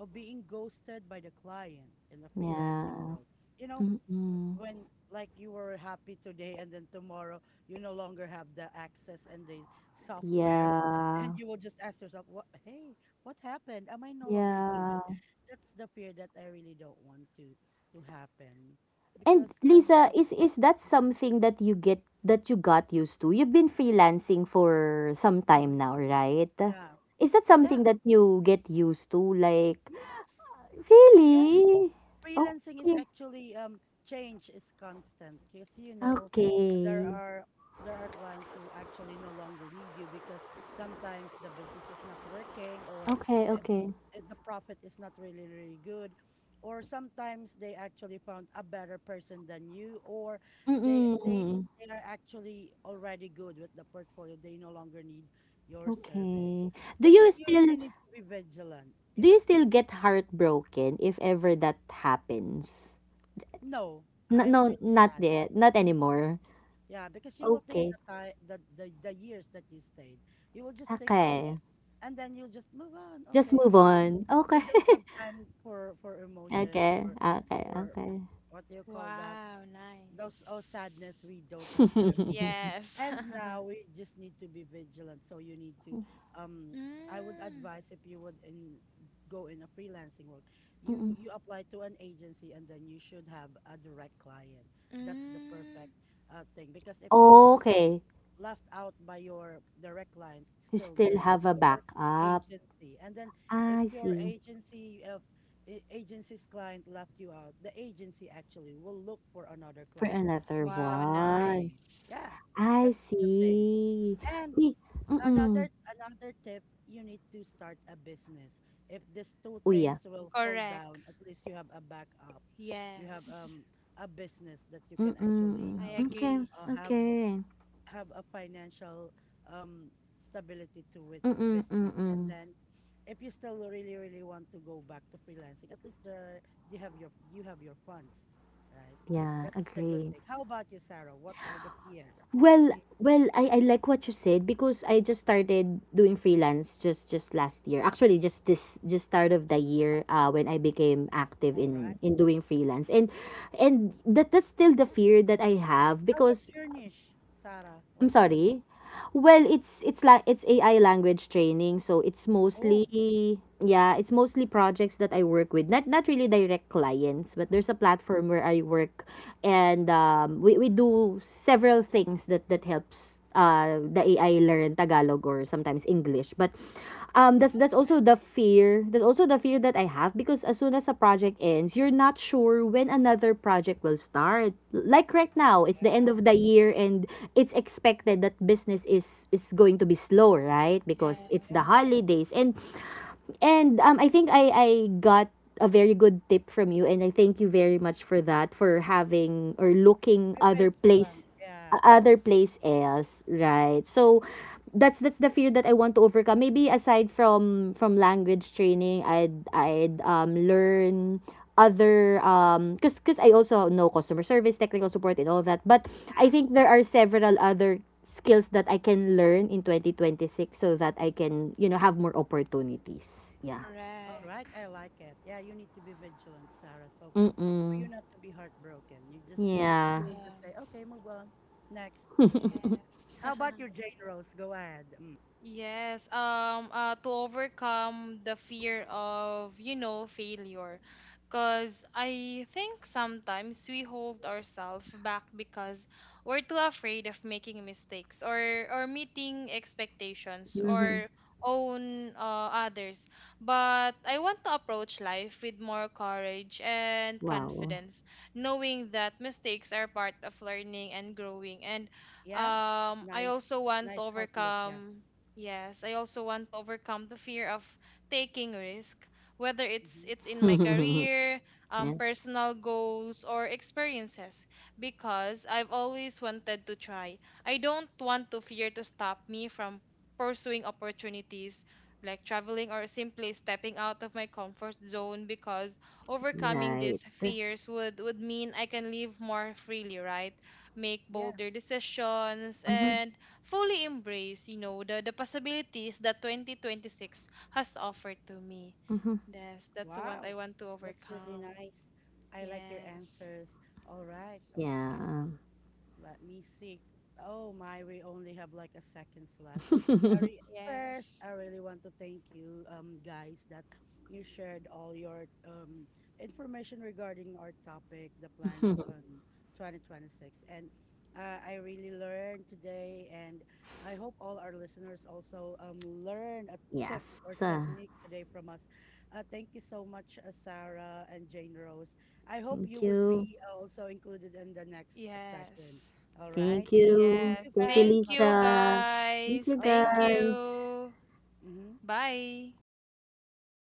Speaker 1: being ghosted by the client in the freelancing
Speaker 2: Yeah.
Speaker 1: world. You know,
Speaker 2: Mm-mm.
Speaker 1: when like you were happy today and then tomorrow you no longer have the access and the software and
Speaker 2: Yeah.
Speaker 1: you will just ask yourself what, hey, what happened, am I no longer included?
Speaker 2: Yeah.
Speaker 1: That's the fear that I really don't want to happen
Speaker 2: And
Speaker 1: because i'm
Speaker 2: Lisa,
Speaker 1: i'm
Speaker 2: is that something that you get, that you got used to? You've been freelancing for some time
Speaker 1: mhm,
Speaker 2: now, right?
Speaker 1: yeah,
Speaker 2: Is that
Speaker 1: yeah,
Speaker 2: something that you get used to? Like,
Speaker 1: yes, yes.
Speaker 2: really?
Speaker 1: Freelancing is
Speaker 2: Okay.
Speaker 1: actually change is constant because you know there
Speaker 2: Okay.
Speaker 1: are there are clients who actually no longer need you because sometimes the business is not working, or
Speaker 2: Okay,
Speaker 1: uh,
Speaker 2: okay.
Speaker 1: the profit is not really, really good, or sometimes they actually found a better person than you, or they they
Speaker 2: Mm-mm.
Speaker 1: they are actually already good with the portfolio, they no longer need your service,
Speaker 2: Okay. Do
Speaker 1: which
Speaker 2: you
Speaker 1: is you really
Speaker 2: still
Speaker 1: need to be vigilant,
Speaker 2: do
Speaker 1: yeah.
Speaker 2: you still get heartbroken if ever that happens?
Speaker 1: No,
Speaker 2: No,
Speaker 1: I
Speaker 2: no,
Speaker 1: feel
Speaker 2: not
Speaker 1: sad.
Speaker 2: yet.
Speaker 1: Just
Speaker 2: Not
Speaker 1: being sad.
Speaker 2: anymore.
Speaker 1: Yeah, because you will think
Speaker 2: Okay.
Speaker 1: the time, the the years that you stayed, you will just think, okay,
Speaker 2: Okay.
Speaker 1: and then you'll just move on.
Speaker 2: Just
Speaker 1: Okay,
Speaker 2: move
Speaker 1: you will,
Speaker 2: on. Okay.
Speaker 1: we don't have time for emotions
Speaker 2: Okay, okay,
Speaker 1: or
Speaker 2: okay.
Speaker 1: what do you call that?
Speaker 3: Wow,
Speaker 1: Those, oh, sadness.
Speaker 3: nice.
Speaker 1: We don't have time,
Speaker 3: Yes.
Speaker 1: and now we just need to be vigilant. So you need to, um, I would
Speaker 3: Mm,
Speaker 1: advise if you would in go in a freelancing world, you
Speaker 2: Mm.
Speaker 1: you apply to an agency and then you should have a direct client. That's the
Speaker 3: mm,
Speaker 1: perfect thing because if you will be
Speaker 2: Okay,
Speaker 1: left out by your direct client,
Speaker 2: you
Speaker 1: still
Speaker 2: still
Speaker 1: there is
Speaker 2: have a
Speaker 1: your
Speaker 2: backup.
Speaker 1: agency. And then if
Speaker 2: I
Speaker 1: your
Speaker 2: see.
Speaker 1: agency of agency's client left you out, the agency actually will look for another
Speaker 2: For
Speaker 1: client
Speaker 2: another
Speaker 1: we, that
Speaker 3: Wow,
Speaker 1: will pair
Speaker 2: one.
Speaker 1: you.
Speaker 3: nice.
Speaker 1: Yeah,
Speaker 2: I
Speaker 1: that's the thing.
Speaker 2: see.
Speaker 1: And
Speaker 2: Be
Speaker 1: another
Speaker 2: mm.
Speaker 1: another tip, you need to start a business. If these two
Speaker 2: Uy,
Speaker 1: things
Speaker 2: yeah.
Speaker 1: will fall down,
Speaker 3: Correct.
Speaker 1: at least you have a backup. You have
Speaker 3: Yes,
Speaker 1: a business that you can actually
Speaker 3: I
Speaker 2: Mm. Okay,
Speaker 3: agree.
Speaker 1: have
Speaker 2: okay.
Speaker 1: a financial um stability to with
Speaker 2: Mm,
Speaker 1: business. And
Speaker 2: mm.
Speaker 1: then if you still really, really want to go back to freelancing, at least there are- you have your, you have your funds, right?
Speaker 2: Yeah,
Speaker 1: That's the good
Speaker 2: agree.
Speaker 1: thing. How about you, Sarah? What are the fears?
Speaker 2: Well,
Speaker 1: Mm.
Speaker 2: well, I like what you said because I just started doing freelance just last year. Actually, just this just start of the year when I became active
Speaker 1: All right.
Speaker 2: in doing freelance. And that that's still the fear that I have
Speaker 1: Oh,
Speaker 2: because
Speaker 1: what's your niche, Sarah?
Speaker 2: I'm
Speaker 1: What's your niche?
Speaker 2: sorry. Well, it's like it's AI language training, so it's
Speaker 1: Oh,
Speaker 2: mostly, yeah, it's mostly projects that I work with. Not not really direct clients, but there's a
Speaker 1: mhm.
Speaker 2: platform where I work and we do several things that that helps the AI learn Tagalog or sometimes English. But that's
Speaker 1: Okay.
Speaker 2: also the fear. That's also the fear that I have because as soon as a project ends, you're not sure when another project will start. Like right now, it's the end
Speaker 1: Yeah,
Speaker 2: of the year and it's expected that business is going to be slow, right? Because it's the
Speaker 1: yeah.
Speaker 3: Yes.
Speaker 2: holidays. And I think I got a very good tip from you, and I thank you very
Speaker 1: Mhm.
Speaker 2: much for that, for having or looking
Speaker 1: Be
Speaker 2: other
Speaker 1: vigilant.
Speaker 2: place,
Speaker 1: Yeah,
Speaker 2: other place else, right? So that's the fear that I want to overcome. Maybe aside from language training, I'd learn other cuz cuz I also know customer service, technical support and all that. But I
Speaker 1: yeah.
Speaker 2: think there are several other skills that I can learn in 2026 so that I can, you know, have more opportunities. Yeah.
Speaker 1: All right.
Speaker 3: Correct.
Speaker 1: I like it. Yeah, you need to be vigilant, Sarah. So for you
Speaker 2: Mm-mm.
Speaker 1: not to be heartbroken, you just you
Speaker 2: Yeah.
Speaker 1: will just say, okay,
Speaker 3: Yes.
Speaker 1: move on. Next, just this.
Speaker 3: Yes.
Speaker 1: How about your Jane Rose? Go ahead. Mm.
Speaker 3: Yes, to overcome the fear of, you know, failure. Because I think sometimes we hold ourselves back because we're too afraid of making mistakes, or meeting expectations
Speaker 2: Mm-hmm.
Speaker 3: or own others. But I want to approach life with more courage and
Speaker 2: Wow.
Speaker 3: confidence, knowing that mistakes are part of learning and growing. And
Speaker 1: Yeah.
Speaker 3: I
Speaker 1: Nice,
Speaker 3: also want to
Speaker 1: nice outlook. Yeah.
Speaker 3: overcome. Yes, I also want to overcome the fear of taking risk, whether it's
Speaker 1: Hmm.
Speaker 3: it's in my career,
Speaker 2: Yeah.
Speaker 3: personal goals or experiences, because I've always wanted to try. I don't want to fear to stop me from pursuing opportunities like traveling or simply stepping out of my comfort zone, because overcoming
Speaker 2: Right.
Speaker 3: these fears would mean I can live more freely, right? Make
Speaker 1: Yeah.
Speaker 3: bolder decisions
Speaker 2: Mm-hmm.
Speaker 3: and fully embrace, you know, the possibilities that 2026 has offered to me.
Speaker 2: Mm-hmm.
Speaker 3: Yes, that's what I
Speaker 1: Wow.
Speaker 3: want to
Speaker 1: That's really
Speaker 3: overcome.
Speaker 1: nice. I like your
Speaker 3: Yes.
Speaker 1: answers. All right. Okay.
Speaker 2: Yeah.
Speaker 1: Let me see. Oh my, we only have like a seconds left. I re- first,
Speaker 3: Yes.
Speaker 1: I really want to thank you, guys, that you shared all your information regarding our topic, the plans on 2026. And I really learned today, and I hope all our listeners also learn a
Speaker 2: Yes.
Speaker 1: tip or
Speaker 2: uh,
Speaker 1: technique today from us. Thank you so much, Sarah and Jane Rose. I hope
Speaker 2: Thank
Speaker 1: you would
Speaker 2: you.
Speaker 1: be also included in the next session.
Speaker 3: Yes.
Speaker 1: All right.
Speaker 2: Thank
Speaker 1: Thank
Speaker 2: you.
Speaker 3: Yes.
Speaker 1: you
Speaker 2: Thank you,
Speaker 1: guys.
Speaker 3: Thank
Speaker 1: Bye
Speaker 3: you
Speaker 2: Lisa.
Speaker 1: bye.
Speaker 2: Thank
Speaker 3: guys.
Speaker 2: you,
Speaker 1: All
Speaker 3: Thank
Speaker 1: right.
Speaker 2: guys.
Speaker 3: you.
Speaker 1: Mm-hmm.
Speaker 3: Bye.
Speaker 2: Bye.